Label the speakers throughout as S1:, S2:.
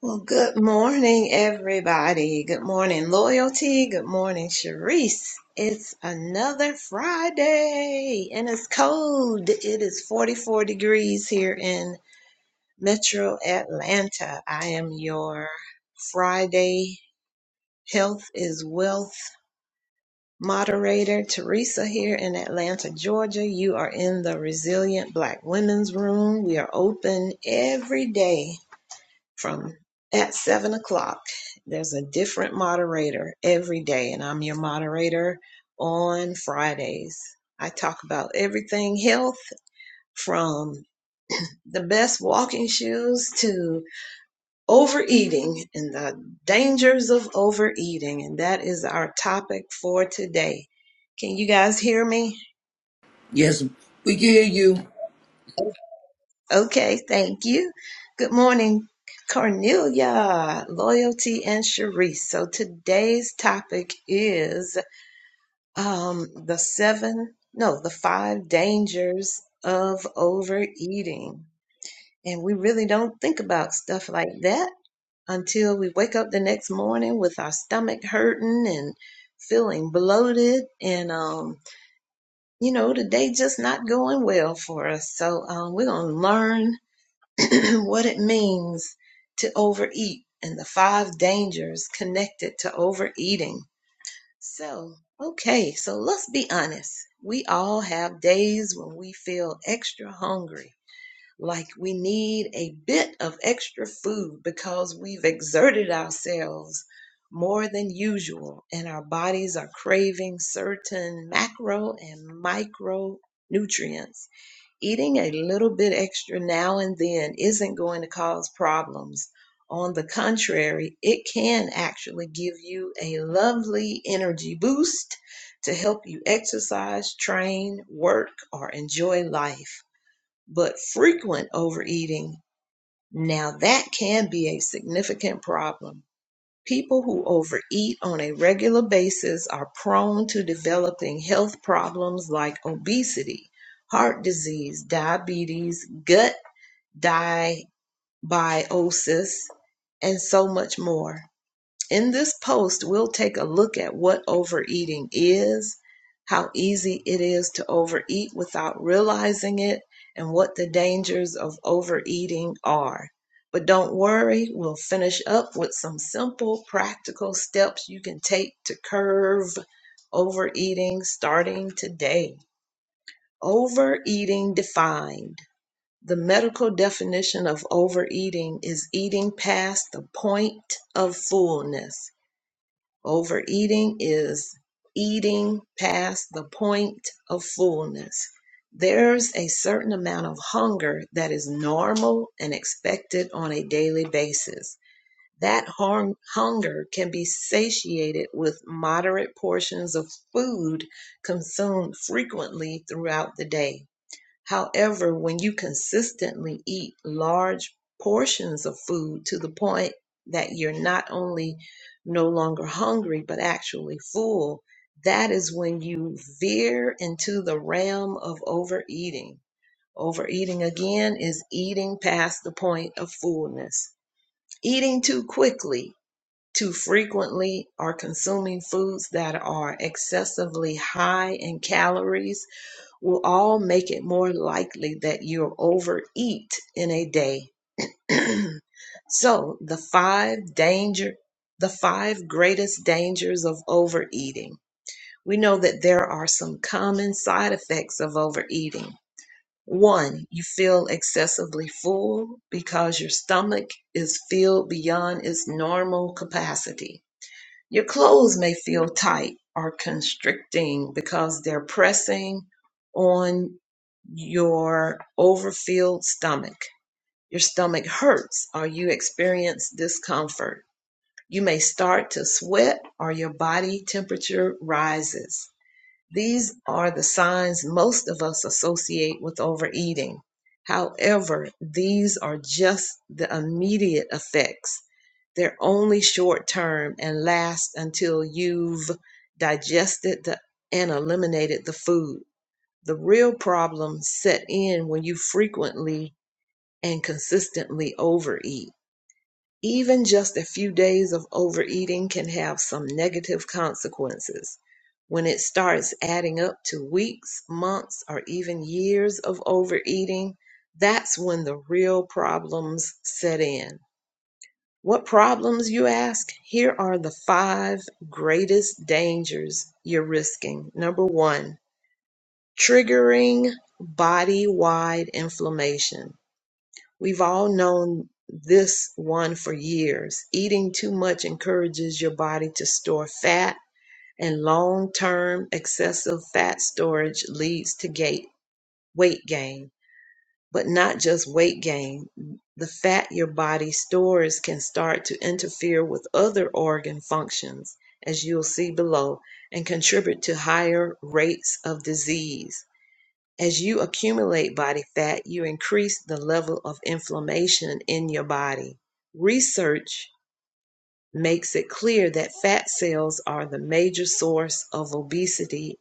S1: Well, good morning, everybody. Good morning, Loyalty. Good morning, Sharice. It's another Friday and it's cold. It is 44 degrees here in Metro Atlanta. I am your Friday Health is Wealth moderator, Teresa, here in Atlanta, Georgia. You are in the Resilient Black Women's Room. We are open every day from at seven o'clock. There's a different moderator every day, and I'm your moderator on Fridays. I talk about everything health from the best walking shoes to overeating and the dangers of overeating. And that is our topic for today. Can you guys hear me?
S2: Yes, we can hear you.
S1: Okay, thank you. Good morning, Cornelia, Loyalty, and Sharice. So today's topic is um, the seven, no, the five dangers of overeating. And we really don't think about stuff like that until we wake up the next morning with our stomach hurting and feeling bloated and um you know the day just not going well for us so um, we're gonna learn what it means to overeat and the five dangers connected to overeating. So, okay, so let's be honest. We all have days when we feel extra hungry, like we need a bit of extra food because we've exerted ourselves more than usual and our bodies are craving certain macro and micronutrients Eating a little bit extra now and then isn't going to cause problems. On the contrary, it can actually give you a lovely energy boost to help you exercise, train, work, or enjoy life. But frequent overeating, now that can be a significant problem People who overeat on a regular basis are prone to developing health problems like obesity, heart disease, diabetes, gut dysbiosis, and so much more. In this post, we'll take a look at what overeating is, how easy it is to overeat without realizing it, and what the dangers of overeating are. But don't worry, we'll finish up with some simple, practical steps you can take to curb overeating starting today. Overeating defined. The medical definition of overeating is eating past the point of fullness Overeating is eating past the point of fullness. There's a certain amount of hunger that is normal and expected on a daily basis. That hung- hunger can be satiated with moderate portions of food consumed frequently throughout the day. However, when you consistently eat large portions of food to the point that you're not only no longer hungry, but actually full, that is when you veer into the realm of overeating. Overeating again is eating past the point of fullness. Eating too quickly, too frequently, or consuming foods that are excessively high in calories will all make it more likely that you'll overeat in a day. so, the five danger the five greatest dangers of overeating. We know that there are some common side effects of overeating. One, you feel excessively full because your stomach is filled beyond its normal capacity. Your clothes may feel tight or constricting because they're pressing on your overfilled stomach. Your stomach hurts or you experience discomfort. You may start to sweat or your body temperature rises. These are the signs most of us associate with overeating. However, these are just the immediate effects they're only short term and last until you've digested the, and eliminated the food. The real problems set in when you frequently and consistently overeat. Even just a few days of overeating can have some negative consequences. When it starts adding up to weeks, months, or even years of overeating, that's when the real problems set in. What problems, you ask? Here are the five greatest dangers you're risking. Number one, triggering body wide inflammation. We've all known this one for years. Eating too much encourages your body to store fat, and long term excessive fat storage leads to gait, weight gain but not just weight gain. The fat your body stores can start to interfere with other organ functions, as you'll see below, and contribute to higher rates of disease. As you accumulate body fat, you increase the level of inflammation in your body. Research makes it clear that fat cells are the major source of obesity,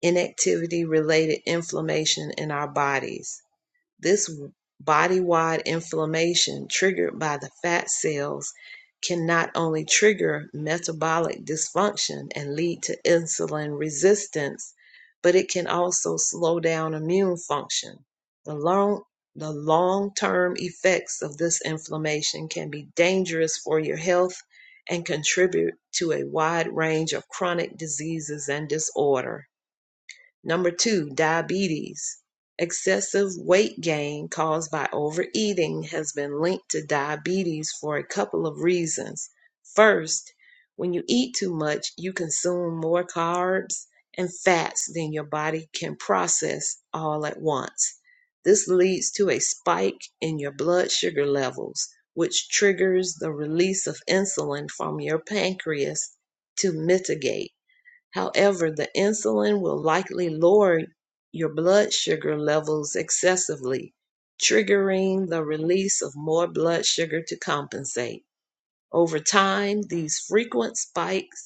S1: inactivity related inflammation in our bodies. This body-wide inflammation triggered by the fat cells can not only trigger metabolic dysfunction and lead to insulin resistance, but it can also slow down immune function. The long the long-term effects of this inflammation can be dangerous for your health and contribute to a wide range of chronic diseases and disorder. Number two, diabetes. Excessive weight gain caused by overeating has been linked to diabetes for a couple of reasons. First, when you eat too much, you consume more carbs and fats than your body can process all at once. This leads to a spike in your blood sugar levels, which triggers the release of insulin from your pancreas to mitigate. However, the insulin will likely lower your blood sugar levels excessively, triggering the release of more blood sugar to compensate. Over time, these frequent spikes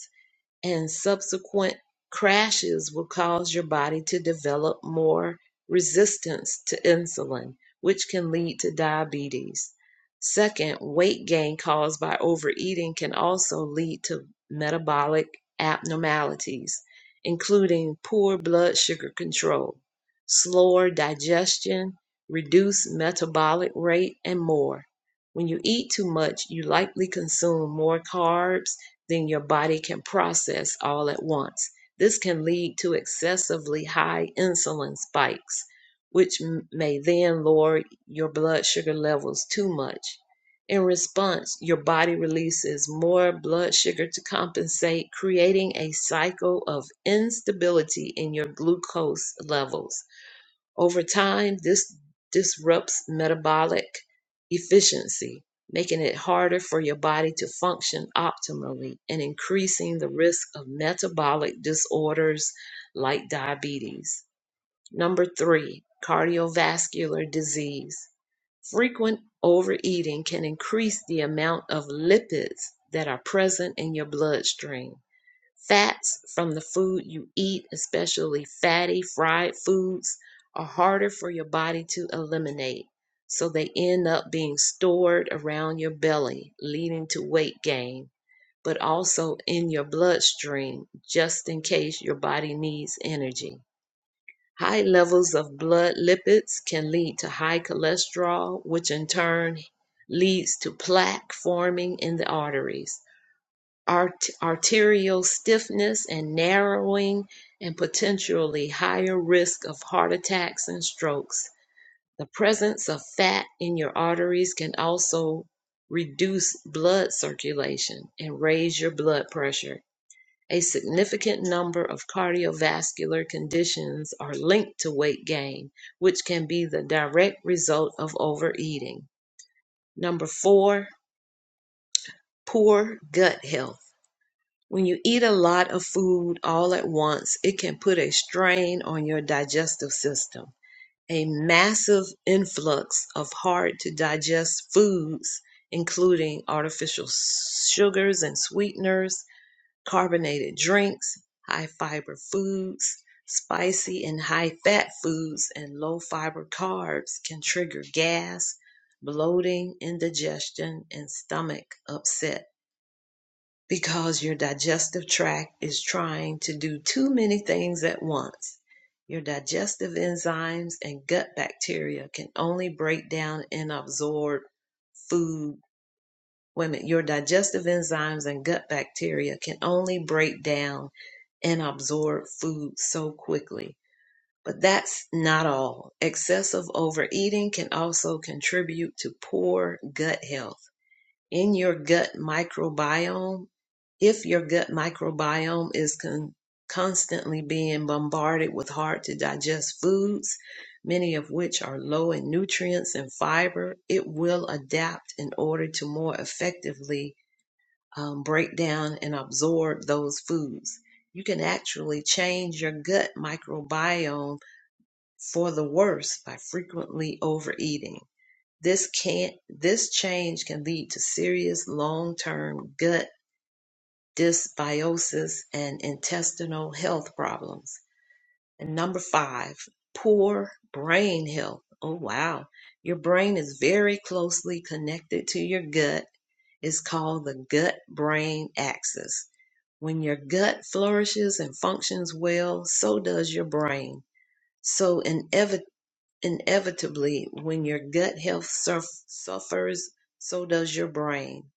S1: and subsequent crashes will cause your body to develop more resistance to insulin, which can lead to diabetes. Second, weight gain caused by overeating can also lead to metabolic abnormalities, including poor blood sugar control, slower digestion, reduced metabolic rate, and more. When you eat too much, you likely consume more carbs than your body can process all at once. This can lead to excessively high insulin spikes, which m- may then lower your blood sugar levels too much. In response, your body releases more blood sugar to compensate, creating a cycle of instability in your glucose levels. Over time, this disrupts metabolic efficiency, making it harder for your body to function optimally and increasing the risk of metabolic disorders like diabetes. Number three, cardiovascular disease. Frequent overeating can increase the amount of lipids that are present in your bloodstream Fats from the food you eat, especially fatty fried foods, are harder for your body to eliminate. So they end up being stored around your belly, leading to weight gain, but also in your bloodstream, just in case your body needs energy. High levels of blood lipids can lead to high cholesterol, which in turn leads to plaque forming in the arteries art- arterial stiffness and narrowing, and potentially higher risk of heart attacks and strokes. The presence of fat in your arteries can also reduce blood circulation and raise your blood pressure. A significant number of cardiovascular conditions are linked to weight gain, which can be the direct result of overeating. Number four, poor gut health When you eat a lot of food all at once, it can put a strain on your digestive system. A massive influx of hard to digest foods, including artificial s- sugars and sweeteners, carbonated drinks, high fiber foods, spicy and high fat foods, and low fiber carbs can trigger gas, bloating, indigestion, and stomach upset because your digestive tract is trying to do too many things at once. Your digestive enzymes and gut bacteria can only break down and absorb food. Wait a minute, your digestive enzymes and gut bacteria can only break down and absorb food so quickly. But that's not all. Excessive overeating can also contribute to poor gut health in your gut microbiome, if your gut microbiome is con- constantly being bombarded with hard to digest foods, many of which are low in nutrients and fiber, it will adapt in order to more effectively um, break down and absorb those foods. You can actually change your gut microbiome for the worse by frequently overeating. This can this change can lead to serious long-term gut dysbiosis and intestinal health problems. And number five, poor brain health. Oh wow. Your brain is very closely connected to your gut. It's called the gut brain axis. When your gut flourishes and functions well, so does your brain. So inevitably Inevitably, when your gut health surf- suffers, so does your brain.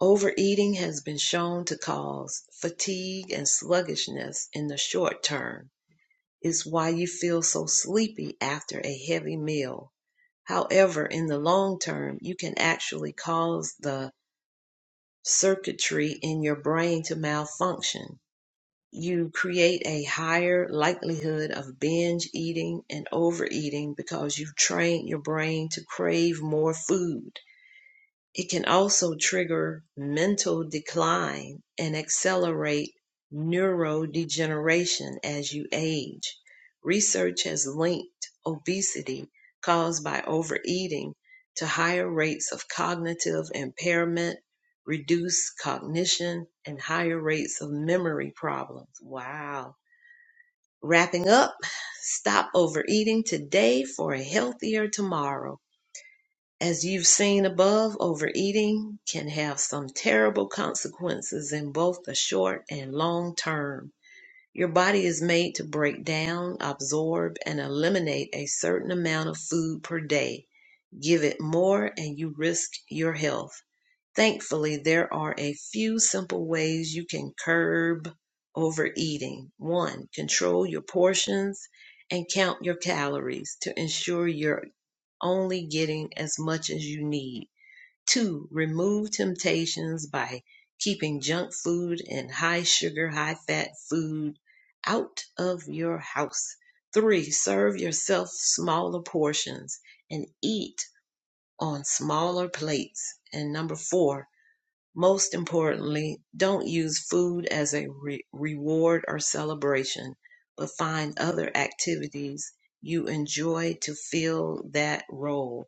S1: Overeating has been shown to cause fatigue and sluggishness in the short term. It's why you feel so sleepy after a heavy meal. However, in the long term, you can actually cause the circuitry in your brain to malfunction you create a higher likelihood of binge eating and overeating because you've trained your brain to crave more food. It can also trigger mental decline and accelerate neurodegeneration as you age. Research has linked obesity caused by overeating to higher rates of cognitive impairment, reduced cognition, and higher rates of memory problems. Wow. Wrapping up, stop overeating today for a healthier tomorrow. As you've seen above, overeating can have some terrible consequences in both the short and long term. Your body is made to break down, absorb, and eliminate a certain amount of food per day. Give it more and you risk your health. Thankfully, there are a few simple ways you can curb overeating. One, control your portions and count your calories to ensure you're only getting as much as you need. Two, remove temptations by keeping junk food and high sugar, high fat food out of your house. Three, serve yourself smaller portions and eat on smaller plates. And number four, most importantly, don't use food as a re- reward or celebration, but find other activities you enjoy to fill that role.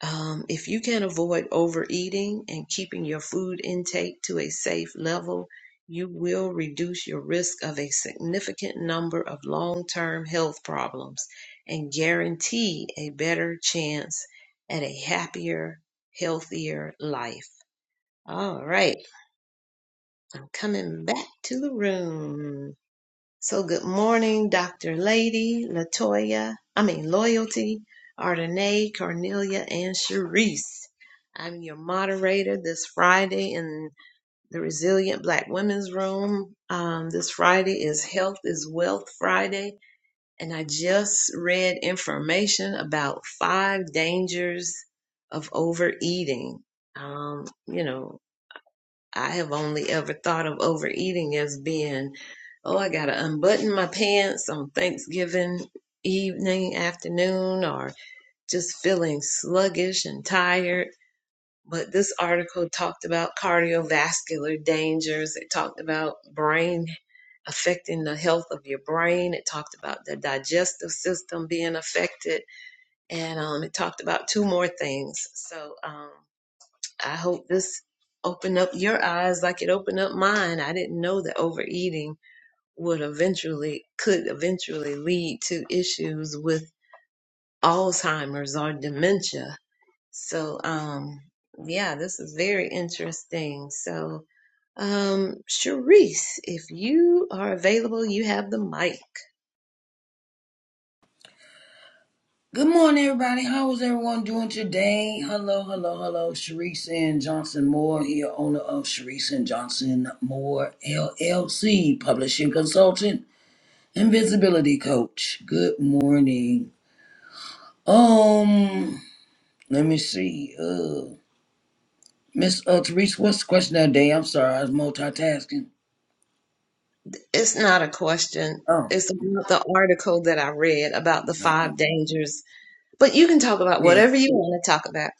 S1: Um, if you can avoid overeating and keeping your food intake to a safe level, you will reduce your risk of a significant number of long term health problems and guarantee a better chance at a happier, healthier life. All right, I'm coming back to the room. So good morning, Dr. Lady, Latoya, I mean Loyalty, Ardenae, Cornelia, and Sharice. I'm your moderator this Friday in the Resilient Black Women's Room. Um, this Friday is Health is Wealth Friday, and I just read information about five dangers of overeating. Um, you know, I have only ever thought of overeating as being, oh, I got to unbutton my pants on Thanksgiving evening, afternoon, or just feeling sluggish and tired. But this article talked about cardiovascular dangers. It talked about brain affecting the health of your brain. It talked about the digestive system being affected. And um, it talked about two more things. So, um, I hope this opened up your eyes like it opened up mine. I didn't know that overeating would eventually could eventually lead to issues with Alzheimer's or dementia. So um yeah, this is very interesting. So um Sharice, if you are available, you have the mic.
S2: Good morning, everybody. How is everyone doing today? Hello, hello, hello. Sharice and Johnson Moore here, owner of Sharice and Johnson Moore LLC, publishing consultant and visibility coach. Good morning. Um, let me see. Uh, Miss uh, Therese, what's the question of the day? I'm sorry, I was multitasking.
S1: It's not a question.
S2: Oh,
S1: It's about the article that I read about the
S2: no.
S1: five dangers, but you can talk about
S2: yeah.
S1: whatever you want to talk about.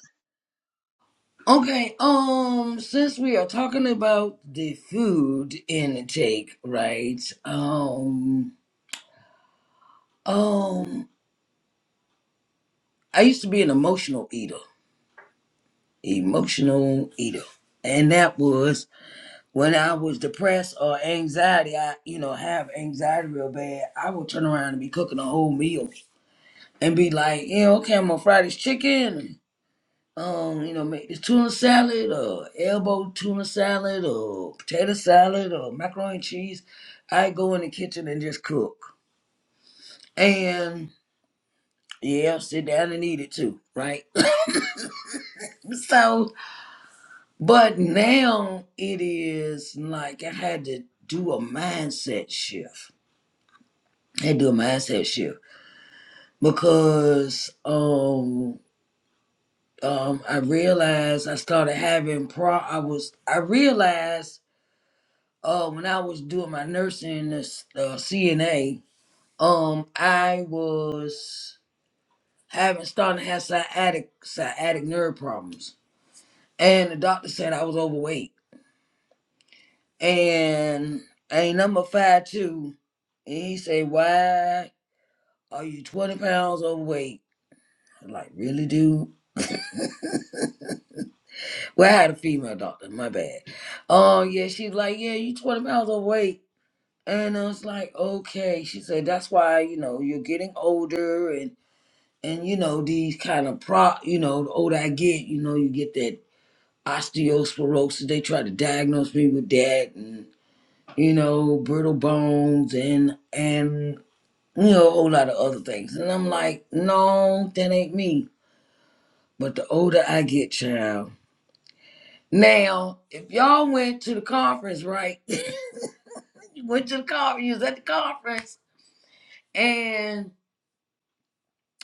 S2: Okay, um, since we are talking about the food intake, right? Um, um, I used to be an emotional eater, emotional eater, and that was when I was depressed or anxiety. I, you know, have anxiety real bad. I would turn around and be cooking a whole meal and be like, yeah, okay, I'm on Friday's chicken. um, you know, make this tuna salad or elbow tuna salad or potato salad or macaroni and cheese. I go in the kitchen and just cook. And yeah, sit down and eat it too, right? so, but now it is like I had to do a mindset shift. I had to do a mindset shift because um um I realized I started having pro I was I realized uh, when I was doing my nursing in this uh, CNA, um, I was having starting to have sciatic sciatic nerve problems, and the doctor said I was overweight, and a number five two, and he said, "Why are you twenty pounds overweight?" I'm like, "Really, dude?" Well, I had a female doctor. My bad. Um, yeah, she's like, "Yeah, you twenty pounds overweight." And I was like, okay. She said, that's why, you know, you're getting older and." and you know these kind of pro you know the older i get you know you get that osteosporosis they try to diagnose me with that and you know brittle bones and and you know a whole lot of other things and i'm like no that ain't me but the older i get child now if y'all went to the conference right you went to the conference you was at the conference and.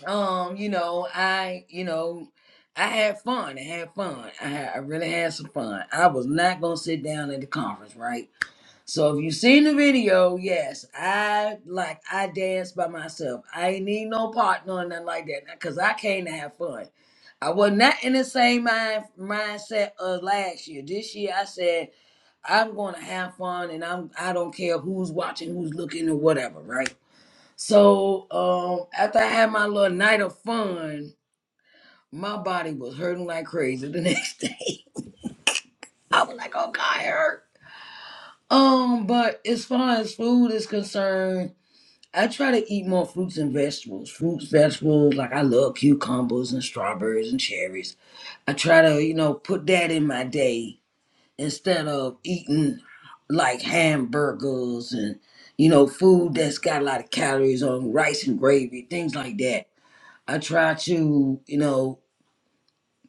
S2: um, you know, I, you know, I had fun. I had fun. I had, I really had some fun. I was not gonna sit down at the conference, right? So if you seen the video, yes, I like I danced by myself. I ain't need no partner or nothing like that, cause I came to have fun. I was not in the same mind mindset of last year. This year, I said I'm gonna have fun, and I'm I don't care who's watching, who's looking, or whatever, right? So um, after I had my little night of fun, my body was hurting like crazy the next day. I was like, oh God, it hurt. Um, but as far as food is concerned, I try to eat more fruits and vegetables. Fruits, vegetables, like I love cucumbers and strawberries and cherries. I try to, you know, put that in my day instead of eating like hamburgers and you know food that's got a lot of calories on rice and gravy, things like that. I try to, you know,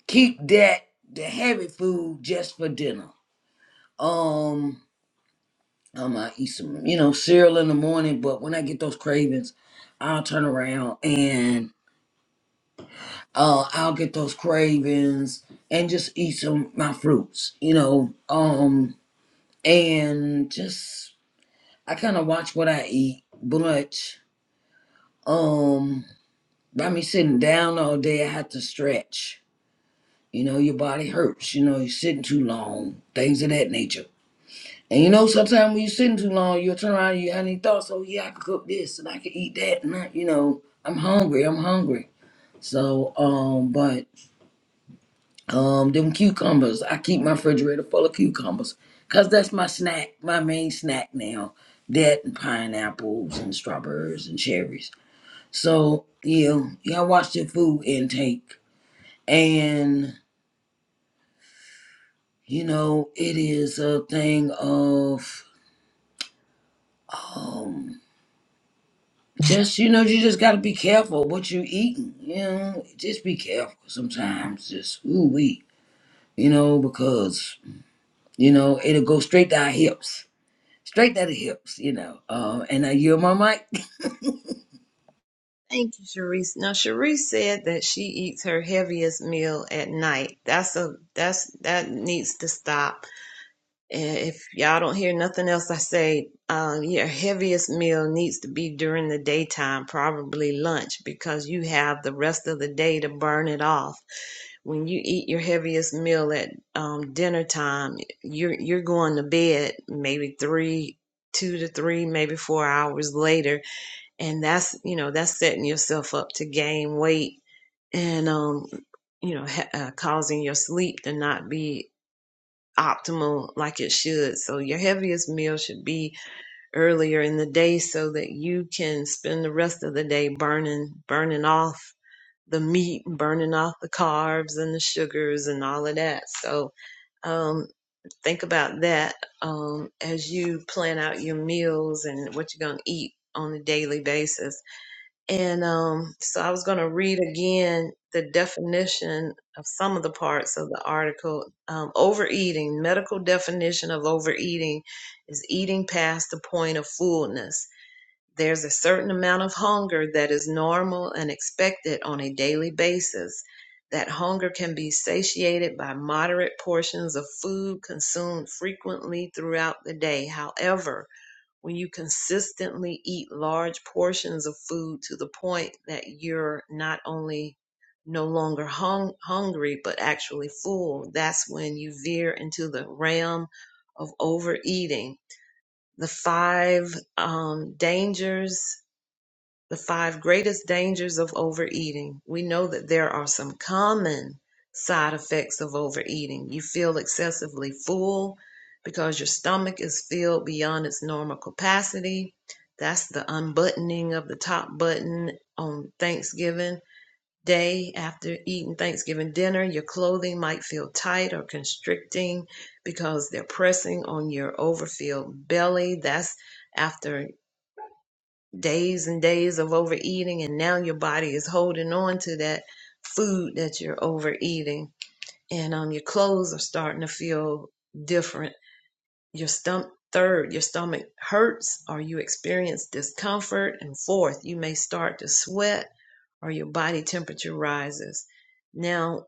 S2: keep that the heavy food just for dinner. Um, I might eat some, you know, cereal in the morning, but when I get those cravings, I'll turn around and uh I'll get those cravings and just eat some my fruits, you know. Um and just I kind of watch what I eat, but um by me sitting down all day I have to stretch You know, your body hurts. You know, you're sitting too long, things of that nature. And you know, sometimes when you're sitting too long, you'll turn around and you have any thoughts, oh, yeah, I could cook this and I could eat that. And I, you know, I'm hungry, I'm hungry. So, um, but um, them cucumbers, I keep my refrigerator full of cucumbers because that's my snack, my main snack now. That and pineapples and strawberries and cherries. So, yeah, y'all watch your food intake. And you know, it is a thing of um just you know, you just gotta be careful what you eating, you know. Just be careful sometimes, just ooh wee, you know, because you know, it'll go straight to our hips. Straight to the hips, you know. Um, and I yield my mic.
S1: Thank you, Sharice. Now, Sharice said that she eats her heaviest meal at night. That's a that's that needs to stop. And if y'all don't hear nothing else I say, um, your heaviest meal needs to be during the daytime, probably lunch, because you have the rest of the day to burn it off. When you eat your heaviest meal at um, dinner time, you're you're going to bed maybe three, two to three, maybe four hours later and that's you know that's setting yourself up to gain weight and um you know ha- uh, causing your sleep to not be optimal like it should so your heaviest meal should be earlier in the day so that you can spend the rest of the day burning burning off the meat and burning off the carbs and the sugars and all of that so um think about that um as you plan out your meals and what you're going to eat on a daily basis and um, so I was going to read again the definition of some of the parts of the article. Um, overeating, medical definition of overeating is eating past the point of fullness. There's a certain amount of hunger that is normal and expected on a daily basis. That hunger can be satiated by moderate portions of food consumed frequently throughout the day. However, when you consistently eat large portions of food to the point that you're not only no longer hung, hungry but actually full that's when you veer into the realm of overeating the five um, dangers the five greatest dangers of overeating. We know that there are some common side effects of overeating. You feel excessively full because your stomach is filled beyond its normal capacity. That's the unbuttoning of the top button on Thanksgiving day after eating Thanksgiving dinner. Your clothing might feel tight or constricting because they're pressing on your overfilled belly. That's after days and days of overeating and now your body is holding on to that food that you're overeating and um your clothes are starting to feel different your stomach third your stomach hurts or you experience discomfort and fourth you may start to sweat or your body temperature rises now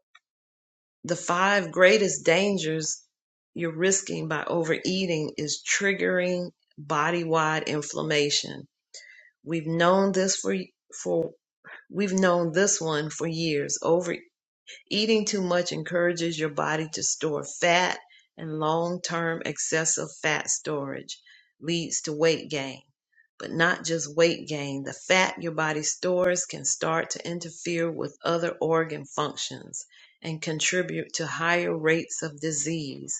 S1: the five greatest dangers you're risking by overeating is triggering body-wide inflammation we've known this for for We've known this one for years. Overeating too much encourages your body to store fat, and long term excessive fat storage leads to weight gain. But not just weight gain, the fat your body stores can start to interfere with other organ functions and contribute to higher rates of disease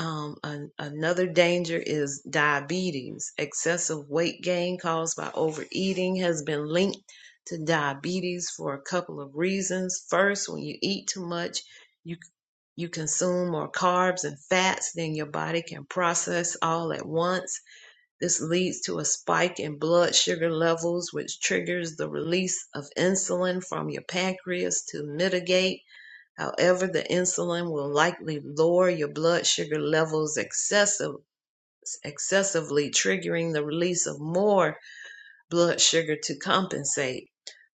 S1: um, an, another danger is diabetes. Excessive weight gain caused by overeating has been linked to diabetes for a couple of reasons. First, when you eat too much, you you consume more carbs and fats than your body can process all at once. This leads to a spike in blood sugar levels, which triggers the release of insulin from your pancreas to mitigate However, the insulin will likely lower your blood sugar levels excessive, excessively, triggering the release of more blood sugar to compensate.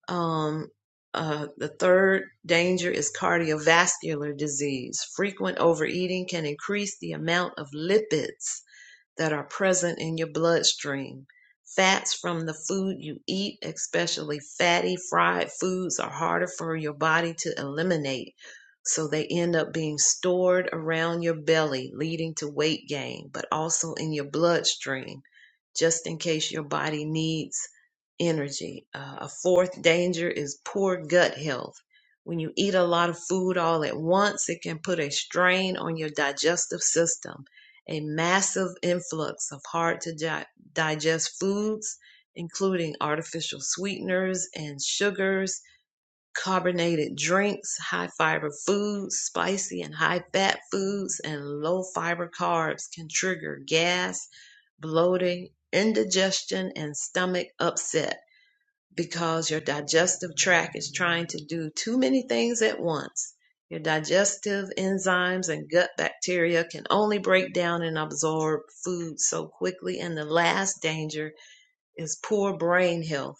S1: Um, uh, the third danger is cardiovascular disease. Frequent overeating can increase the amount of lipids that are present in your bloodstream. Fats from the food you eat, especially fatty fried foods, are harder for your body to eliminate. So they end up being stored around your belly, leading to weight gain, but also in your bloodstream, just in case your body needs energy. Uh, a fourth danger is poor gut health. When you eat a lot of food all at once, it can put a strain on your digestive system a massive influx of hard to di- digest foods, including artificial sweeteners and sugars, carbonated drinks, high fiber foods, spicy and high fat foods, and low fiber carbs can trigger gas, bloating, indigestion, and stomach upset because your digestive tract is trying to do too many things at once. Your digestive enzymes and gut bacteria can only break down and absorb food so quickly. And the last danger is poor brain health.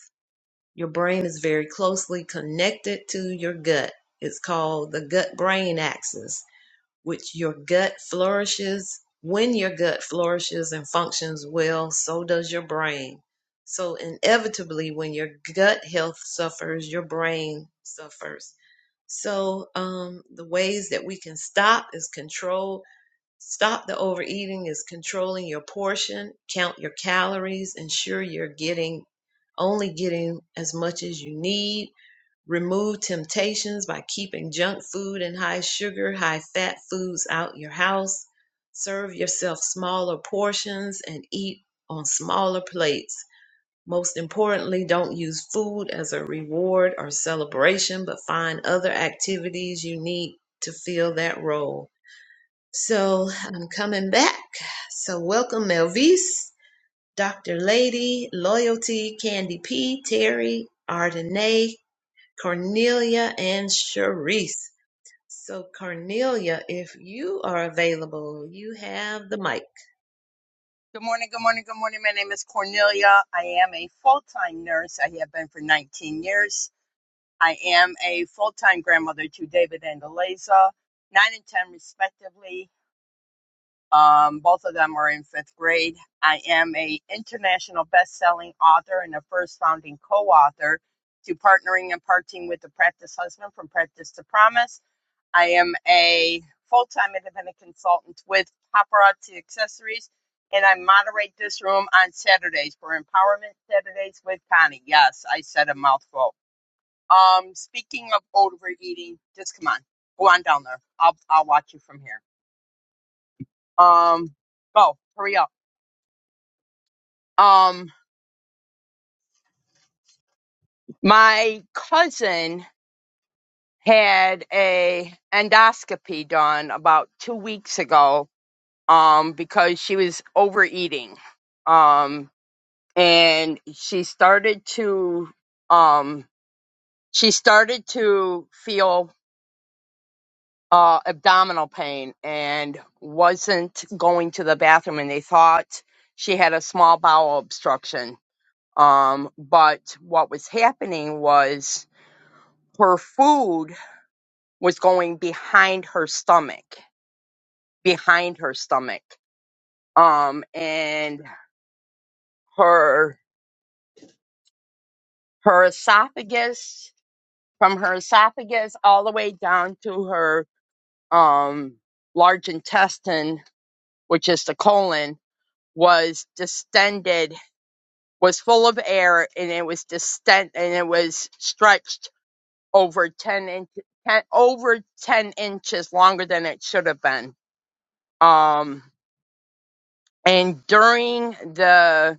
S1: Your brain is very closely connected to your gut. It's called the gut brain axis which your gut flourishes. When your gut flourishes and functions well, so does your brain. So, inevitably, when your gut health suffers, your brain suffers. So, um, the ways that we can stop is control. Stop the overeating is controlling your portion, count your calories, ensure you're getting only getting as much as you need, Remove temptations by keeping junk food and high sugar, high fat foods out your house. Serve yourself smaller portions and eat on smaller plates. Most importantly, don't use food as a reward or celebration, but find other activities you need to fill that role. So I'm coming back. So welcome, Melvise, Dr. Lady, Loyalty, Candy P, Terry, Ardenae, Cornelia and Sharice. So, Cornelia, if you are available, you have the mic.
S3: Good morning, good morning, good morning. My name is Cornelia. I am a full time nurse. I have been for 19 years. I am a full time grandmother to David and Eliza, 9 and 10 respectively. Um, both of them are in fifth grade. I am a international best selling author and a first founding co author to Partnering and Parting with the Practice Husband from Practice to Promise. I am a full time independent consultant with Paparazzi Accessories, and I moderate this room on Saturdays for Empowerment Saturdays with Connie. Yes, I said a mouthful. Um, speaking of overeating, just come on, go on down there. I'll I'll watch you from here. Um, go, hurry up. Um, my cousin had a endoscopy done about two weeks ago. Um, because she was overeating. Um, and she started to um she started to feel uh abdominal pain and wasn't going to the bathroom and they thought she had a small bowel obstruction um but what was happening was her food was going behind her stomach behind her stomach um and her her esophagus from her esophagus all the way down to her um, large intestine, which is the colon, was distended, was full of air, and it was distend, and it was stretched over ten inch, ten, over ten inches longer than it should have been. Um, and during the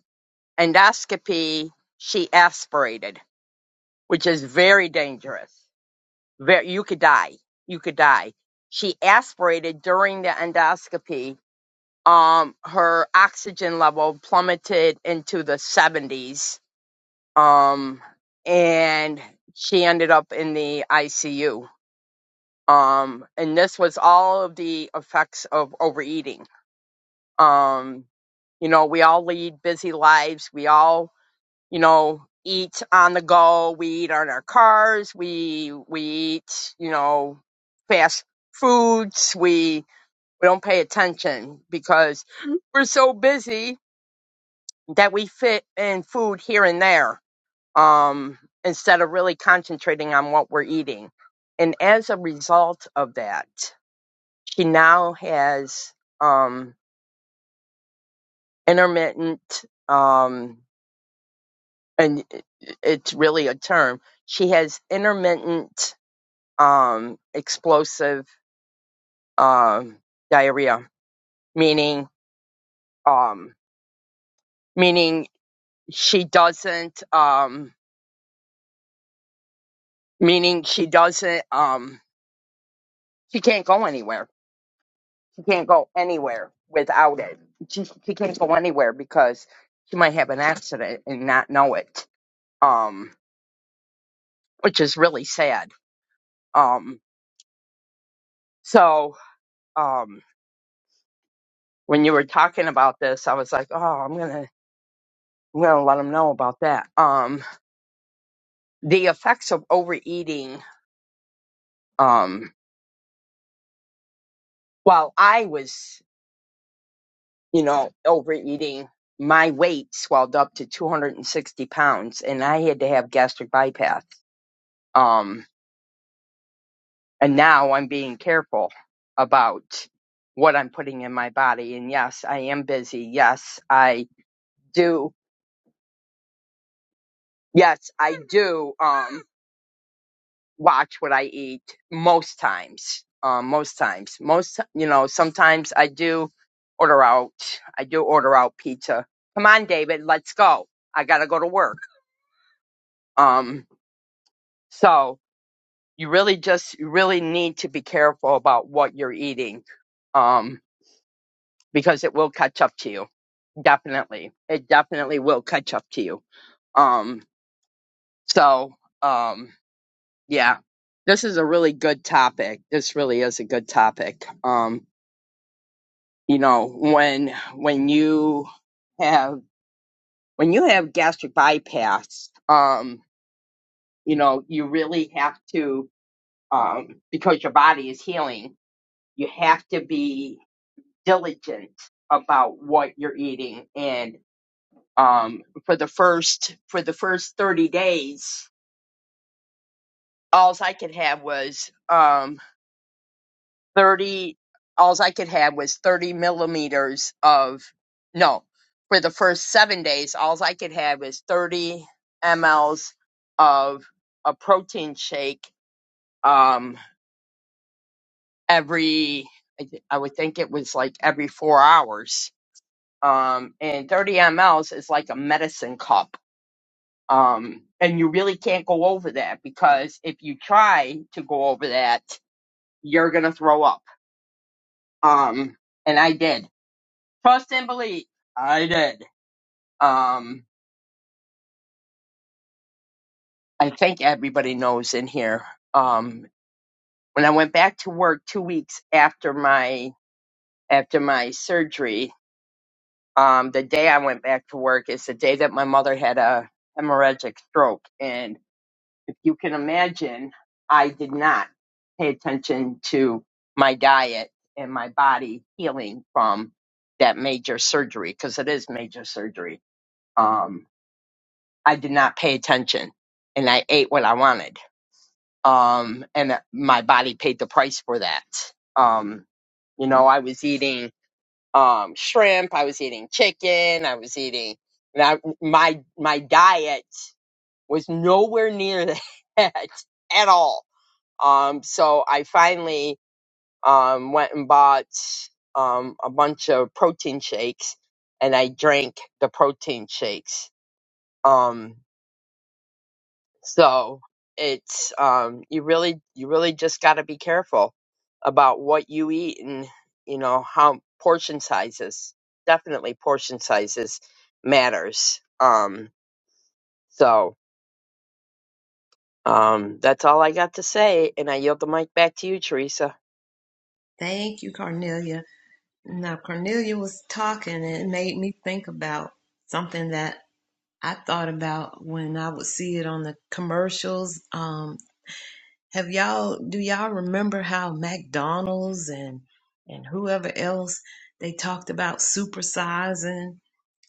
S3: endoscopy, she aspirated, which is very dangerous. Very, you could die. You could die. She aspirated during the endoscopy um her oxygen level plummeted into the 70s um and she ended up in the ICU um and this was all of the effects of overeating um you know we all lead busy lives we all you know eat on the go we eat on our cars we we eat you know fast foods we we don't pay attention because we're so busy that we fit in food here and there um, instead of really concentrating on what we're eating. And as a result of that, she now has um, intermittent, um, and it- it's really a term, she has intermittent um, explosive um, diarrhea, meaning, um, meaning she doesn't, um, meaning she doesn't, um, she can't go anywhere She can't go anywhere without it. She, she can't go anywhere because she might have an accident and not know it. Um, which is really sad. Um, so, um, when you were talking about this, I was like, oh, I'm gonna, I'm gonna let them know about that. Um, the effects of overeating. Um, while I was, you know, overeating, my weight swelled up to 260 pounds, and I had to have gastric bypass. Um, And now I'm being careful about what I'm putting in my body. And yes, I am busy. Yes, I do. Yes, I do. Um, watch what I eat most times. Um, most times, most, you know, sometimes I do order out. I do order out pizza. Come on, David, let's go. I gotta go to work. Um, so you really just, you really need to be careful about what you're eating. Um, because it will catch up to you definitely it definitely will catch up to you um so um yeah this is a really good topic this really is a good topic um you know when when you have when you have gastric bypass um you know you really have to um because your body is healing you have to be diligent about what you're eating and um for the first for the first 30 days alls I could have was um thirty. Alls I could have was thirty millimeters of no. For the first seven days, alls I could have was thirty mLs of a protein shake. Um, every I, th- I would think it was like every four hours. Um, and thirty mLs is like a medicine cup. Um, and you really can't go over that because if you try to go over that, you're gonna throw up Um, and I did. Trust and believe. I did. Um, I think everybody knows in here. Um, when I went back to work two weeks after my after my surgery, um, the day I went back to work is the day that my mother had a hemorrhagic stroke, and if you can imagine, I did not pay attention to my diet and my body healing from that major surgery because it is major surgery. Um. I did not pay attention and I ate what I wanted. Um, and uh, my body paid the price for that. Um, you know, I was eating, um, shrimp. I was eating chicken. I was eating, and I, my, my diet was nowhere near that at all. Um, so I finally, um, went and bought, um, a bunch of protein shakes and I drank the protein shakes. Um, So it's um you really you really just got to be careful about what you eat and you know how portion sizes definitely portion sizes matters. Um so um that's all I got to say and I yield the mic back to you Teresa.
S1: Thank you, Cornelia. Now, Cornelia was talking, and it made me think about something that I thought about when I would see it on the commercials. Um, have y'all, do y'all remember how McDonald's and, and whoever else they talked about supersizing?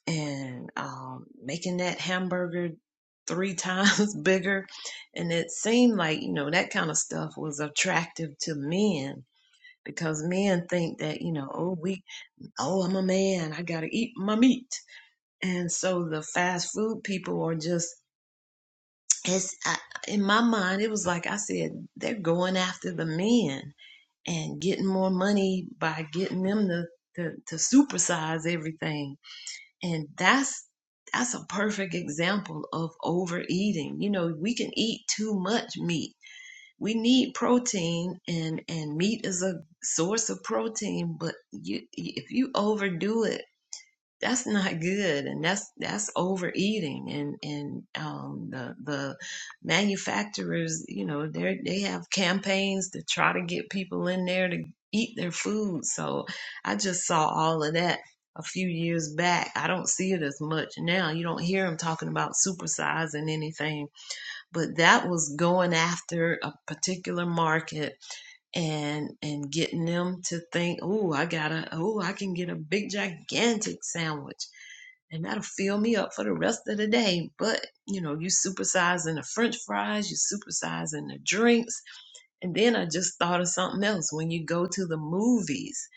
S1: and um, making that hamburger three times bigger. And it seemed like, you know, that kind of stuff was attractive to men because men think that, you know, oh, we, oh, I'm a man, I got to eat my meat. And so the fast food people are just, it's, I, in my mind, it was like I said, they're going after the men and getting more money by getting them to, to, to supersize everything and that's that's a perfect example of overeating you know we can eat too much meat we need protein and and meat is a source of protein but you if you overdo it that's not good and that's that's overeating and and um the the manufacturers you know they they have campaigns to try to get people in there to eat their food so i just saw all of that a few years back i don't see it as much now you don't hear them talking about supersizing anything but that was going after a particular market and and getting them to think, oh, I gotta, oh, I can get a big gigantic sandwich, and that'll fill me up for the rest of the day. But you know, you supersizing the French fries, you supersizing the drinks, and then I just thought of something else. When you go to the movies,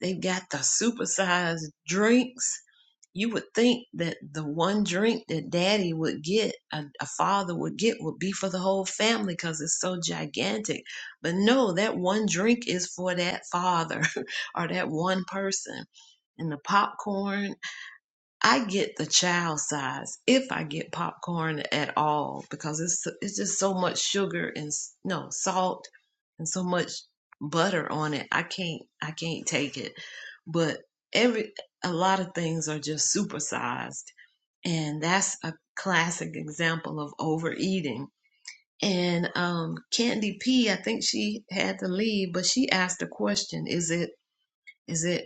S1: they've got the supersized drinks you would think that the one drink that daddy would get, a, a father would get, would be for the whole family because it's so gigantic. But no, that one drink is for that father or that one person. And the popcorn I get the child size if I get popcorn at all because it's it's just so much sugar and s- no salt and so much butter on it. I can't I can't take it. But every a lot of things are just supersized, and that's a classic example of overeating. And um, Candy P, I think she had to leave, but she asked a question: Is it is it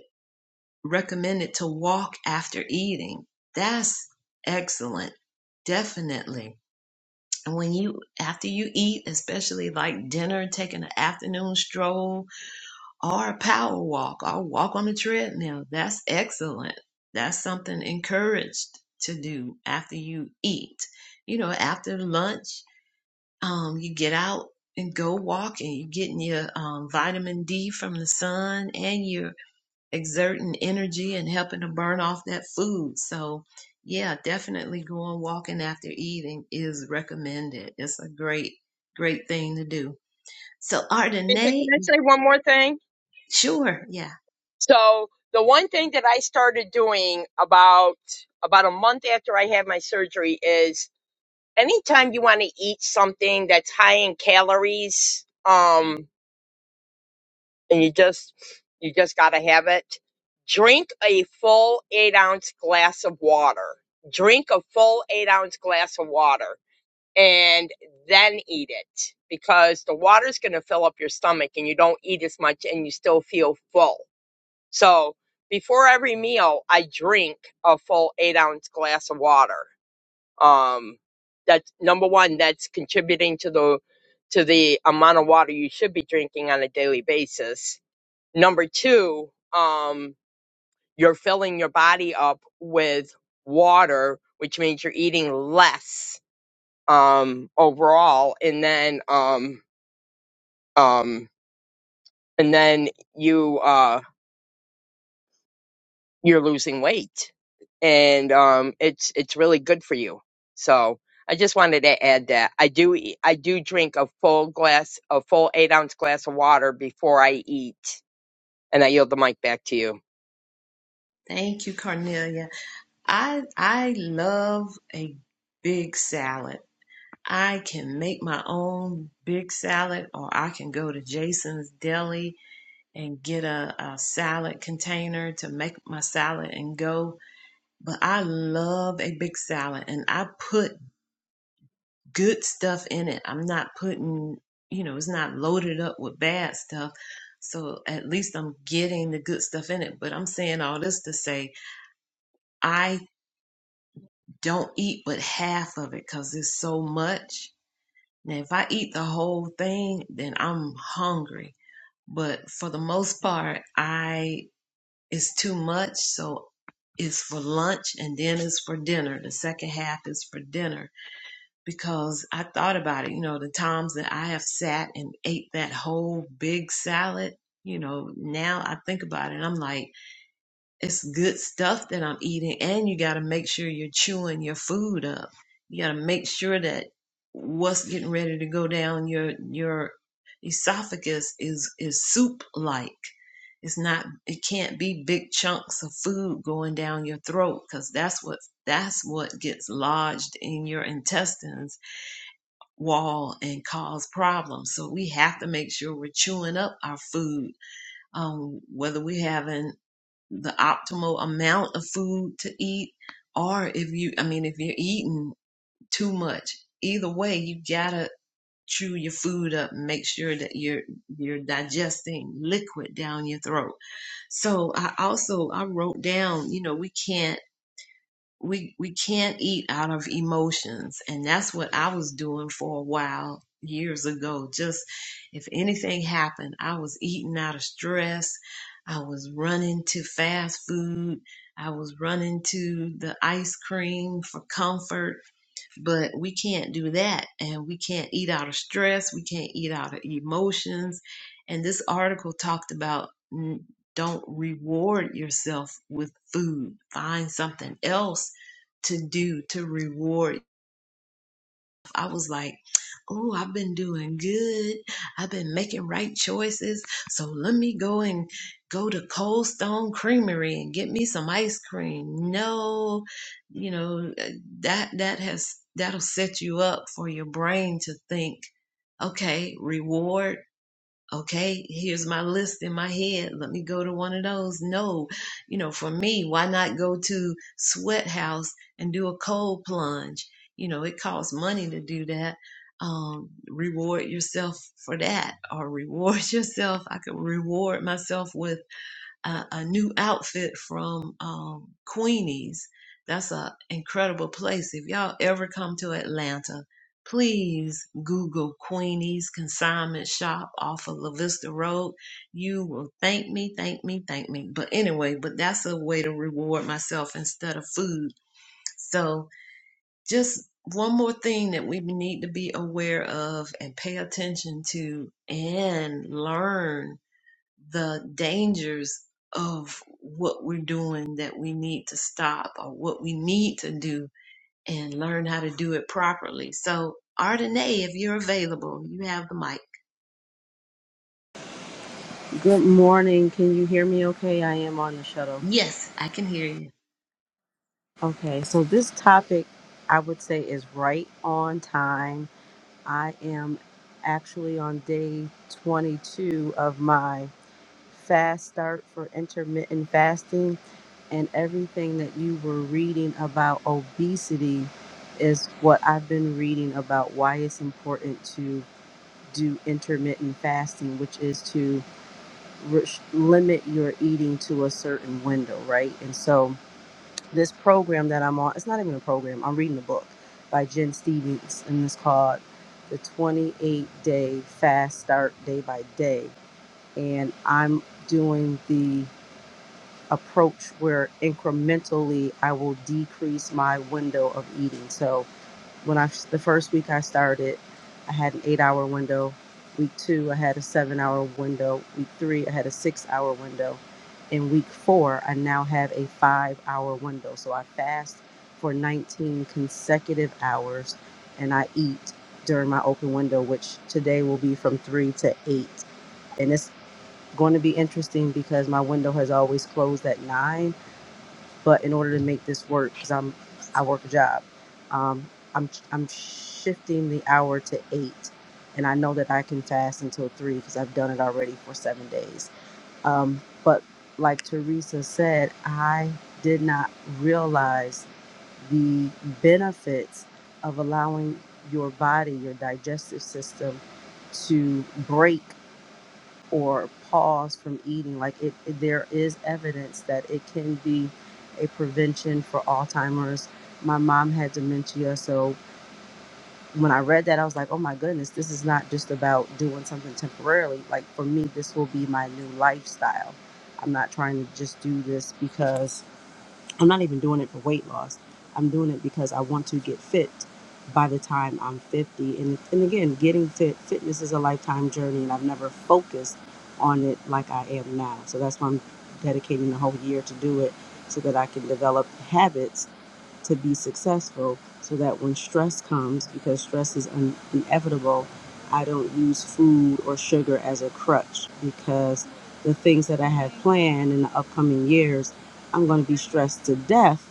S1: recommended to walk after eating. That's excellent. Definitely. And when you, after you eat, especially like dinner, taking an afternoon stroll or a power walk or walk on the treadmill, that's excellent. That's something encouraged to do after you eat. You know, after lunch, um, you get out and go walking. You're getting your um, vitamin D from the sun and your exerting energy and helping to burn off that food. So, yeah, definitely going walking after eating is recommended. It's a great, great thing to do. So,
S3: Teresa, Can
S1: Ardenae,
S3: I say one more thing?
S1: sure, yeah,
S3: So the one thing that I started doing about about a month after I had my surgery is anytime you want to eat something that's high in calories, um, and you just you just gotta have it. Drink a full eight ounce glass of water. Drink a full eight ounce glass of water, and then eat it because the water's gonna fill up your stomach, and you don't eat as much, and you still feel full. So before every meal, I drink a full eight ounce glass of water. Um, that's number one. That's contributing to the to the amount of water you should be drinking on a daily basis. Number two, um, you're filling your body up with water, which means you're eating less um, overall, and then um, um, and then you. uh, you're losing weight and um it's it's really good for you so i just wanted to add that i do eat, i do drink a full glass a full eight ounce glass of water before i eat and i yield the mic back to you
S1: thank you, Cornelia. I I love a big salad. I can make my own big salad, or I can go to Jason's Deli and get a, a salad container to make my salad and go. But I love a big salad and I put good stuff in it. I'm not putting, you know, it's not loaded up with bad stuff. So at least I'm getting the good stuff in it. But I'm saying all this to say I don't eat but half of it because it's so much. Now, if I eat the whole thing, then I'm hungry. But for the most part, I it's too much. So it's for lunch and then it's for dinner. The second half is for dinner because I thought about it, you know, the times that I have sat and ate that whole big salad, you know, now I think about it and I'm like, it's good stuff that I'm eating and you got to make sure you're chewing your food up. You got to make sure that what's getting ready to go down your your esophagus is is soup like. It's not it can't be big chunks of food going down your throat cuz that's what that's what gets lodged in your intestines wall and cause problems. So we have to make sure we're chewing up our food, um, whether we're having the optimal amount of food to eat, or if you, I mean, if you're eating too much. Either way, you gotta chew your food up and make sure that you're you're digesting liquid down your throat. So I also I wrote down, you know, we can't we we can't eat out of emotions and that's what i was doing for a while years ago just if anything happened i was eating out of stress i was running to fast food i was running to the ice cream for comfort but we can't do that and we can't eat out of stress we can't eat out of emotions and this article talked about mm, don't reward yourself with food find something else to do to reward. I was like, oh, I've been doing good. I've been making right choices. So let me go and go to Cold Stone Creamery and get me some ice cream. No, you know, eh, that that has that'll set you up for your brain to think, okay, reward okay, here's my list in my head. Let me go to one of those. No, you know, for me, why not go to Sweat House and do a cold plunge? You know, it costs money to do that. Um, reward yourself for that or reward yourself. I could reward myself with a, a new outfit from um, Queenie's. That's an incredible place. If y'all ever come to Atlanta, please Google Queenie's Consignment Shop off of La Vista Road. You will thank me, thank me, thank me. But anyway, but that's a way to reward myself instead of food. So just one more thing that we need to be aware of and pay attention to and learn the dangers of what we're doing that we need to stop or what we need to do and learn how to do it properly. So, Ardenae, if you're available, you have the mic.
S4: Good morning. Can you hear me okay? I am on the shuttle.
S1: Yes, I can hear you.
S4: Okay, so this topic I would say is right on time. I am actually on day 22 of my fast start for intermittent fasting, and everything that you were reading about obesity is what I've been reading about why it's important to do intermittent fasting, which is to res- limit your eating to a certain window, right? And so this program that I'm on, it's not even a program, I'm reading a book by Jen Stevens, and it's called The 28 Day Fast Start Day by Day. And I'm doing the approach where incrementally I will decrease my window of eating. So when I the first week I started, I had an eight hour window. Week two, I had a seven hour window. Week three, I had a six hour window. In week four, I now have a five hour window. So I fast for 19 consecutive hours and I eat during my open window, which today will be from three to eight. And it's going to be interesting because my window has always closed at nine but in order to make this work because i'm i work a job um, i'm i'm shifting the hour to eight and i know that i can fast until three because i've done it already for seven days um, but like teresa said i did not realize the benefits of allowing your body your digestive system to break or pause from eating. Like it, it- there is evidence that it can be a prevention for Alzheimer's. My mom had dementia, so when I read that, I was like, oh my goodness, this is not just about doing something temporarily. Like for me, this will be my new lifestyle. I'm not trying to just do this because I'm not even doing it for weight loss. I'm doing it because I want to get fit by the time I'm 50. And, and again, getting fit, fitness is a lifetime journey, and I've never focused on it like I am now. So that's why I'm dedicating the whole year to do it so that I can develop habits to be successful so that when stress comes, because stress is un- inevitable, I don't use food or sugar as a crutch because the things that I have planned in the upcoming years, I'm going to be stressed to death